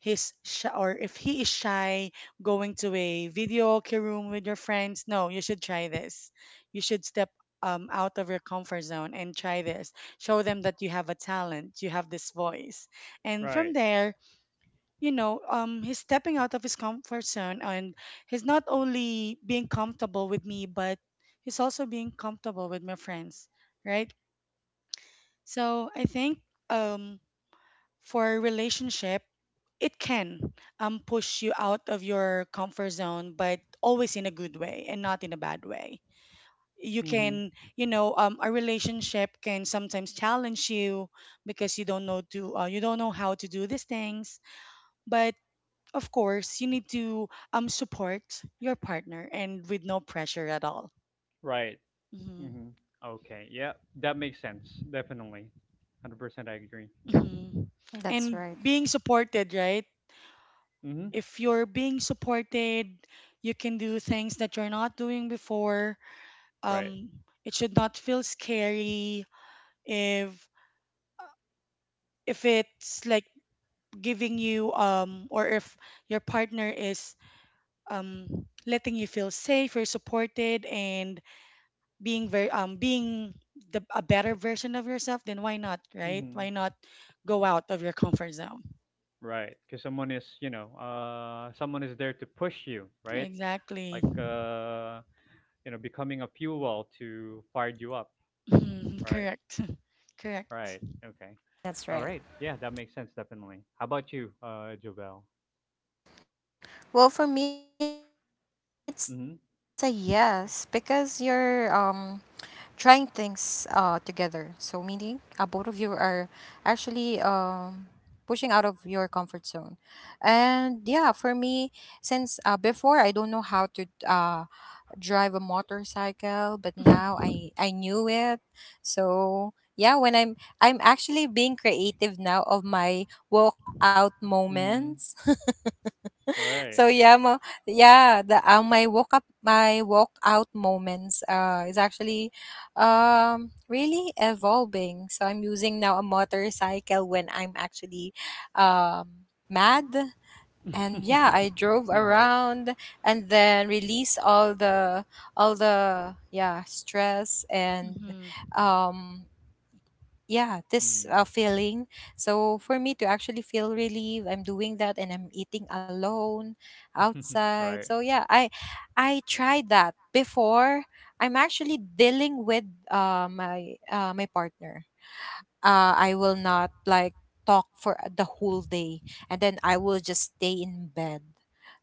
Speaker 3: he's shy or if he is shy, going to a video karaoke room with your friends, no, you should try this. You should step out of your comfort zone and try this. Show them that you have a talent, you have this voice. And from
Speaker 1: Right.
Speaker 3: there, he's stepping out of his comfort zone and he's not only being comfortable with me, but he's also being comfortable with my friends, right? So I think um, for a relationship, it can push you out of your comfort zone, but always in a good way and not in a bad way. You
Speaker 1: Mm-hmm.
Speaker 3: can, you know, A relationship can sometimes challenge you because you don't know how to do these things, but of course, you need to support your partner and with no pressure at all.
Speaker 1: Right.
Speaker 3: Hmm.
Speaker 1: Mm-hmm. Okay. Yeah, that makes sense. Definitely. 100% I agree. Yes.
Speaker 3: Hmm. And
Speaker 2: That's right.
Speaker 3: being supported, right?
Speaker 1: Mm-hmm.
Speaker 3: If you're being supported, you can do things that you're not doing before.
Speaker 1: Right.
Speaker 3: Um, it should not feel scary if it's like giving you or if your partner is um letting you feel safe or supported, and being very being the a better version of yourself, then why not, right?
Speaker 1: Mm-hmm.
Speaker 3: Why not go out of your comfort zone?
Speaker 1: Right. Because someone is, someone is there to push you, right?
Speaker 3: Exactly.
Speaker 1: Like, becoming a fuel to fire you up,
Speaker 3: Mhm,
Speaker 1: right?
Speaker 3: correct. Correct.
Speaker 1: Right. Okay. All
Speaker 2: That's
Speaker 1: right.
Speaker 2: right.
Speaker 1: Yeah, that makes sense definitely. How about you, Jovel?
Speaker 2: Well, for me, it's a yes, because you're
Speaker 1: Mm-hmm.
Speaker 2: trying things together. So meaning both of you are actually pushing out of your comfort zone. And yeah, for me, since before I don't know how to drive a motorcycle, but now I knew it. So yeah, when I'm actually being creative now of my walk out
Speaker 1: Mm.
Speaker 2: moments.
Speaker 1: Right.
Speaker 2: So yeah, mo, yeah, the my walk up my walk out moments is actually really evolving. So I'm using now a motorcycle when I'm actually mad, and yeah, I
Speaker 1: All
Speaker 2: drove
Speaker 1: right.
Speaker 2: around, and then release all the yeah, stress
Speaker 3: Mhm,
Speaker 2: and
Speaker 3: mhm,
Speaker 2: um yeah, this
Speaker 1: Mm.
Speaker 2: feeling. So for me to actually feel relieved, I'm doing that, and I'm eating alone outside.
Speaker 1: Right.
Speaker 2: So yeah, I tried that before. I'm actually dealing with My my partner, I will not like talk for the whole day, and then I will just stay in bed.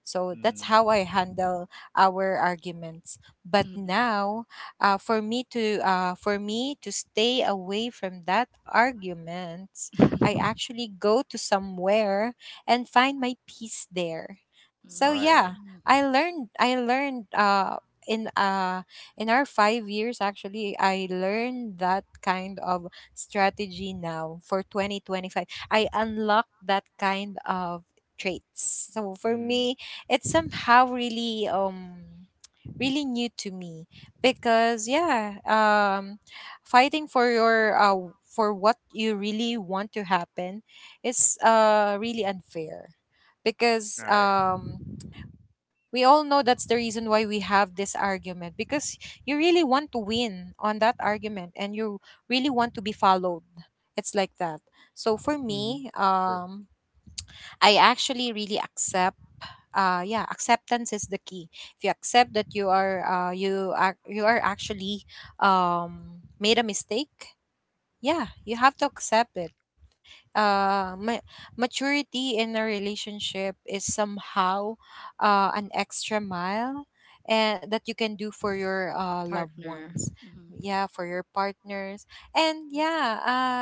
Speaker 2: So that's
Speaker 1: Mm.
Speaker 2: how I handle our arguments. But
Speaker 3: mhm,
Speaker 2: now, for me to stay away from that arguments, I
Speaker 3: mhm.
Speaker 2: actually go to somewhere and find my peace there. So
Speaker 1: Right.
Speaker 2: yeah,
Speaker 3: Mm,
Speaker 2: I learned in uh, in our 5 years actually I learned that kind of strategy now. For 2025, I unlocked that kind of traits, so for
Speaker 1: Mm.
Speaker 2: me it's somehow really really new to me, because yeah, fighting for your for what you really want to happen is really unfair, because
Speaker 1: Right.
Speaker 2: we all know that's the reason why we have this argument, because you really want to win on that argument and you really want to be followed. It's like that. So for
Speaker 1: Mm-hmm.
Speaker 2: me,
Speaker 1: True.
Speaker 2: I actually really accept. Yeah, acceptance is the key. If you accept that you are actually made a mistake, yeah, you have to accept it. uh ma- Maturity in a relationship is somehow an extra mile and that you can do for your loved
Speaker 3: partner.
Speaker 2: ones,
Speaker 3: Mhm.
Speaker 2: yeah, for your partners. And yeah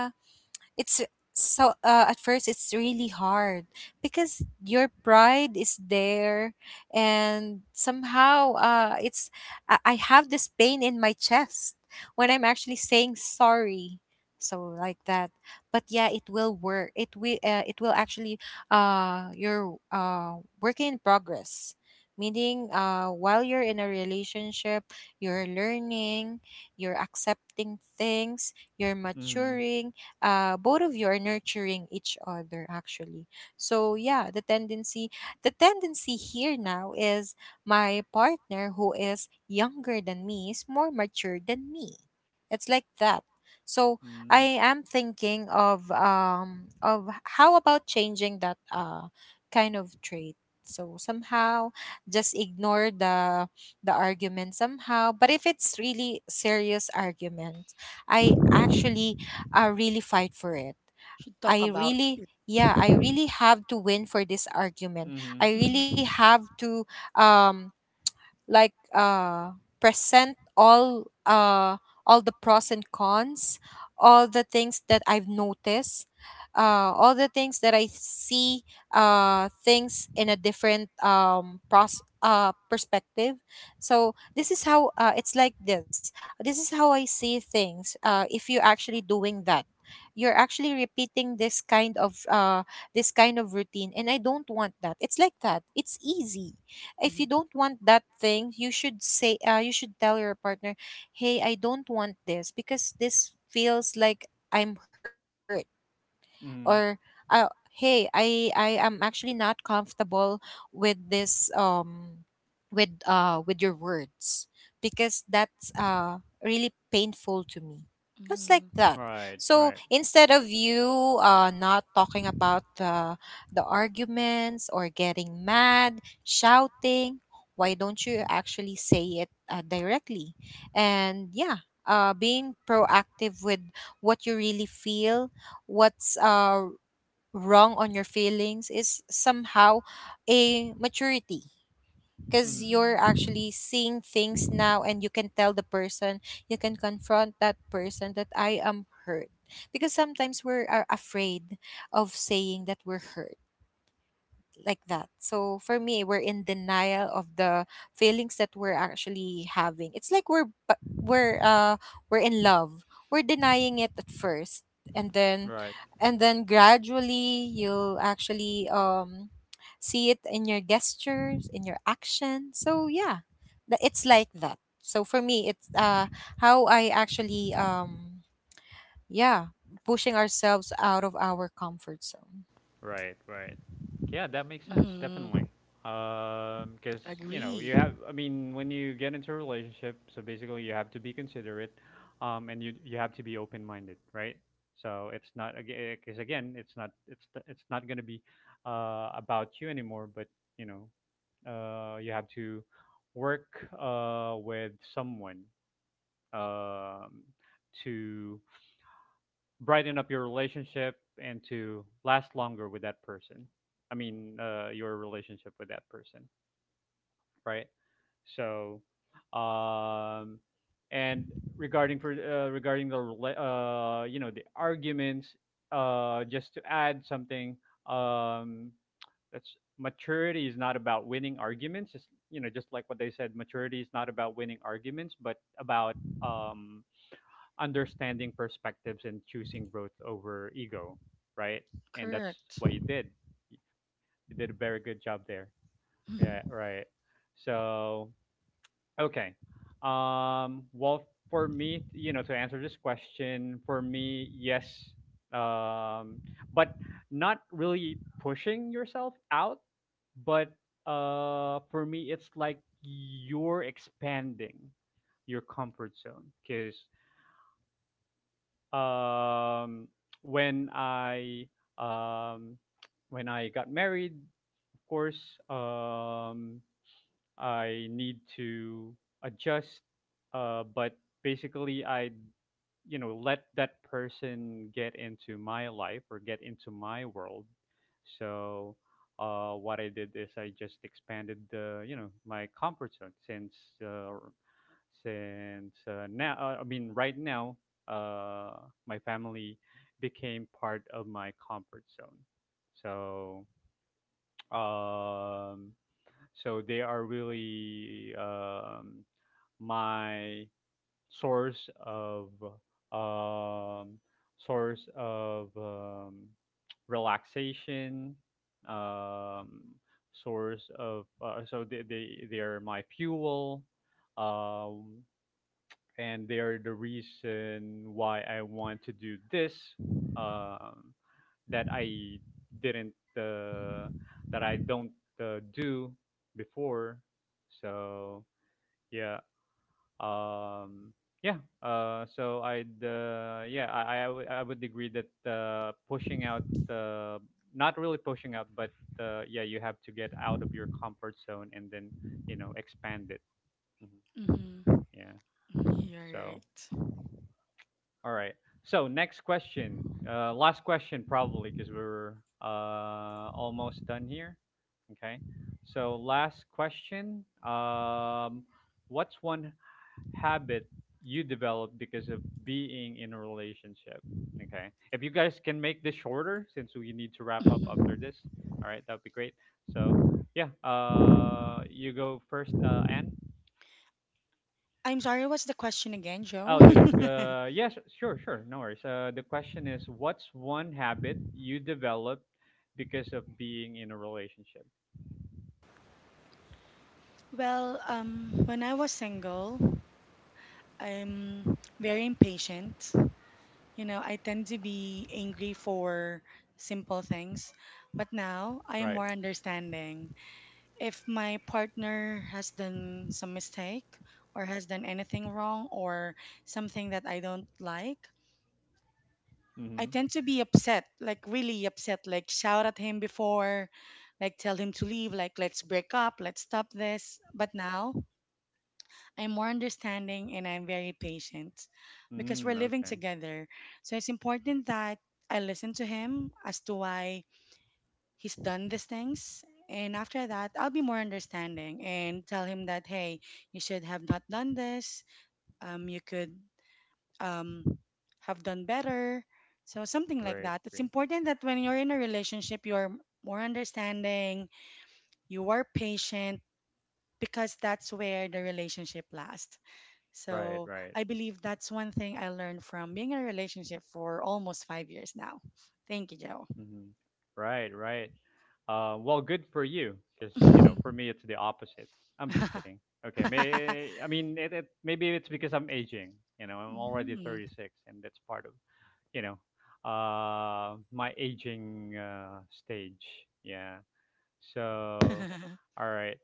Speaker 2: it's so at first it's really hard because your pride is there, and somehow it's, I have this pain in my chest when I'm actually saying sorry. So like that. But yeah, it will work, it will actually your work in progress, meaning while you're in a relationship, you're learning, you're accepting things, you're
Speaker 1: Mm-hmm.
Speaker 2: maturing. Both of you are nurturing each other actually. So yeah, the tendency here now is my partner who is younger than me is more mature than me. It's like that. So
Speaker 1: Mm-hmm.
Speaker 2: I am thinking of how about changing that kind of trait. So somehow just ignore the argument somehow. But if it's really serious argument, i actually I really fight for it.
Speaker 3: To talk about it.
Speaker 2: I really have to win for this argument. I really
Speaker 3: Mhm,
Speaker 2: have to um like uh present all the pros and cons, all the things that I've noticed, all the things that I see, things in a different pros perspective. So this is how it's like this is how I see things. If you're actually doing that, you're actually repeating this kind of routine, and I don't want that. It's like that. It's easy. If you
Speaker 3: mhm,
Speaker 2: don't want that thing, you should say you should tell your partner, hey, I don't want this because this feels like I'm hurt. Or
Speaker 1: Mm-hmm.
Speaker 2: uh, hey, I am actually not comfortable with this with your words, because that's really painful to me. Just like
Speaker 3: mhm,
Speaker 2: that.
Speaker 1: Right.
Speaker 2: So
Speaker 1: Right.
Speaker 2: instead of you not talking about the arguments or getting mad shouting, why don't you actually say it directly? And being proactive with what you really feel, what's wrong on your feelings, is somehow a maturity,
Speaker 3: mhm,
Speaker 2: because
Speaker 1: Mm-hmm.
Speaker 2: you're
Speaker 3: mhm,
Speaker 2: actually seeing things now and you can tell the person, you can confront that person that I am hurt. Because sometimes we're are afraid of saying that we're hurt. Like that. So for me, we're in denial of the feelings that we're actually having. It's like we're in love. We're denying it at first, and then
Speaker 1: Right.
Speaker 2: and then gradually you'll actually see it in your gestures, in your action. So yeah, it's like that. So for me, it's how I actually yeah pushing ourselves out of our comfort zone.
Speaker 1: Right, right. Yeah, that makes sense,
Speaker 3: mhm.
Speaker 1: definitely. Because,
Speaker 3: Agree.
Speaker 1: you have, I mean, when you get into a relationship, so basically you have to be considerate and you have to be open minded, right? So it's not, because again, it's not, it's, it's not going to be about you anymore, but, you know, you have to work with someone um, to brighten up your relationship and to last longer with that person. I mean, your relationship with that person, right? So, um, and regarding the you know the arguments, just to add something, um, that's maturity is not about winning arguments. Just you know, just like what they said, maturity is not about winning arguments, but about understanding perspectives and choosing growth over ego, right? And that's
Speaker 3: Correct.
Speaker 1: what you did. You did a very good job there.
Speaker 3: Mhm,
Speaker 1: Yeah, right. So, okay. Well, for me, you know, to answer this question, for me, yes. Um, but not really pushing yourself out, but for me, it's like you're expanding your comfort zone because um, when I um, when I got married, of course, um, I need to adjust. But basically, I let that person get into my life or get into my world. So what I did is I just expanded the my comfort zone uh, since now I mean right now uh, my family became part of my comfort zone so um, so they are really my source of um, source of um, relaxation um, source of so they, they are my fuel um, and they're the reason why I want to do this. Um, that I didn't uh, that I don't do before. So yeah, um, yeah. So I'd yeah I would agree that pushing out uh, not really pushing out, but yeah, you have to get out of your comfort zone and then expand it. Mhm.
Speaker 3: mhm.
Speaker 1: Yeah.
Speaker 3: You're
Speaker 1: So
Speaker 3: right.
Speaker 1: all right. So next question, last question probably because we're almost done here. Okay. So last question. What's one habit you developed because of being in a relationship? Okay. If you guys can make this shorter, since we need to wrap up after
Speaker 3: Mhm.
Speaker 1: this. All right, that would be great. So yeah, you go first, Anne.
Speaker 3: I'm sorry, what's the question again, Joe?
Speaker 1: Oh, the yes, sure, sure, no worries. The question is, what's one habit you developed because of being in a relationship?
Speaker 3: Well, when I was single, I'm very impatient. I tend to be angry for simple things, but now I am
Speaker 1: Right.
Speaker 3: more understanding. If my partner has done some mistake or has done anything wrong or something that I don't like, I
Speaker 1: Mm-hmm.
Speaker 3: tend to be upset, like really upset, like shout at him before, like tell him to leave, like let's break up, let's stop this. But now I'm more understanding and I'm very patient because we're
Speaker 1: Mm,
Speaker 3: living
Speaker 1: okay.
Speaker 3: together. So it's important that I listen to him as to why he's done these things. And after that, I'll be more understanding and tell him that, hey, you should have not done this. You could um, have done better. So something like
Speaker 1: Great,
Speaker 3: that. It's
Speaker 1: great.
Speaker 3: important that when you're in a relationship, you're more understanding, you are patient because that's where the relationship lasts.
Speaker 1: Right,
Speaker 3: So
Speaker 1: right.
Speaker 3: I believe that's one thing I learned from being in a relationship for almost 5 years now. Thank you, Joe.
Speaker 1: Mm-hmm. Right, right. Well, good for you, because you know, for me, it's the opposite. I'm just kidding. Okay, may I mean, maybe it's because I'm aging. You know, I'm already
Speaker 3: Mm.
Speaker 1: 36, and that's part of you know, my aging stage. Yeah. So,
Speaker 3: Mhm.
Speaker 1: all right.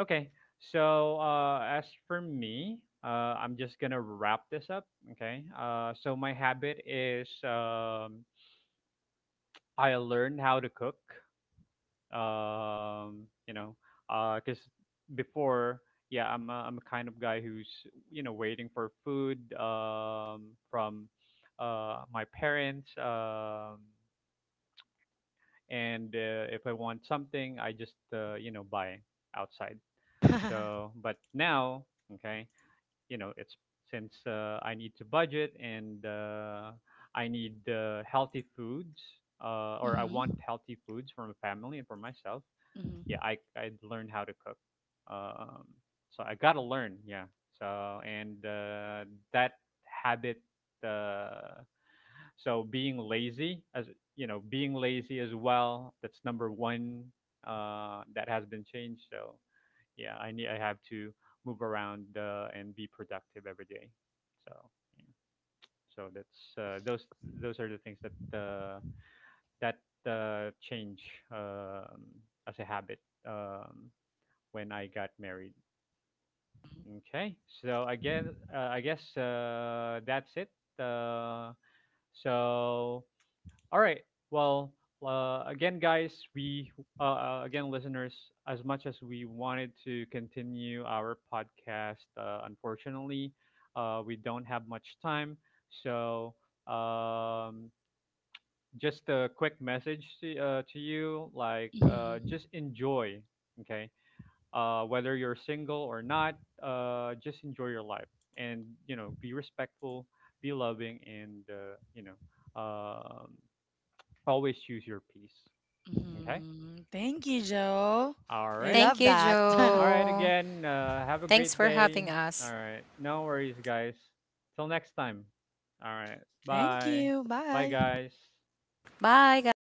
Speaker 1: Okay. So, as for me, I'm just gonna wrap this up. Okay. So my habit is I learned how to cook. You know, because before, yeah, I'm a kind of guy who's waiting for food from my parents. And if I want something, I just buy outside. So, but now, okay, you know, it's since I need to budget and I need healthy foods, or I want healthy foods for my family and for myself.
Speaker 3: Mhm.
Speaker 1: Yeah, I learned how to cook. Um, so I gotta learn. Yeah. So and that habit. Uh, so being lazy, as you know, being lazy as well. That's number one. That has been changed. So yeah, I have to move around and be productive every day. So yeah. so that's those are the things that that change um, as a habit um, when I got married. Okay, so again, I guess that's it. Uh, so All right. Well, again, guys, we again, listeners, as much as we wanted to continue our podcast, unfortunately, we don't have much time. So, um, just a quick message to you, like,
Speaker 3: Mhm.
Speaker 1: just enjoy, okay? Whether you're single or not, just enjoy your life, and you know, be respectful, be loving, and Um, always choose your peace. Okay.
Speaker 3: Mhm. Thank you, Joe.
Speaker 2: Thank
Speaker 1: All
Speaker 2: you,
Speaker 3: I
Speaker 1: right.
Speaker 3: love that.
Speaker 2: Joe.
Speaker 1: All right. Again,
Speaker 2: Thanks for
Speaker 1: have a
Speaker 2: having
Speaker 1: great
Speaker 2: us.
Speaker 1: day. All right. No worries, guys. Till next time. All right.
Speaker 3: Thank
Speaker 1: Bye.
Speaker 3: you.
Speaker 1: Bye,
Speaker 3: Bye.
Speaker 1: guys.
Speaker 2: Bye, guys.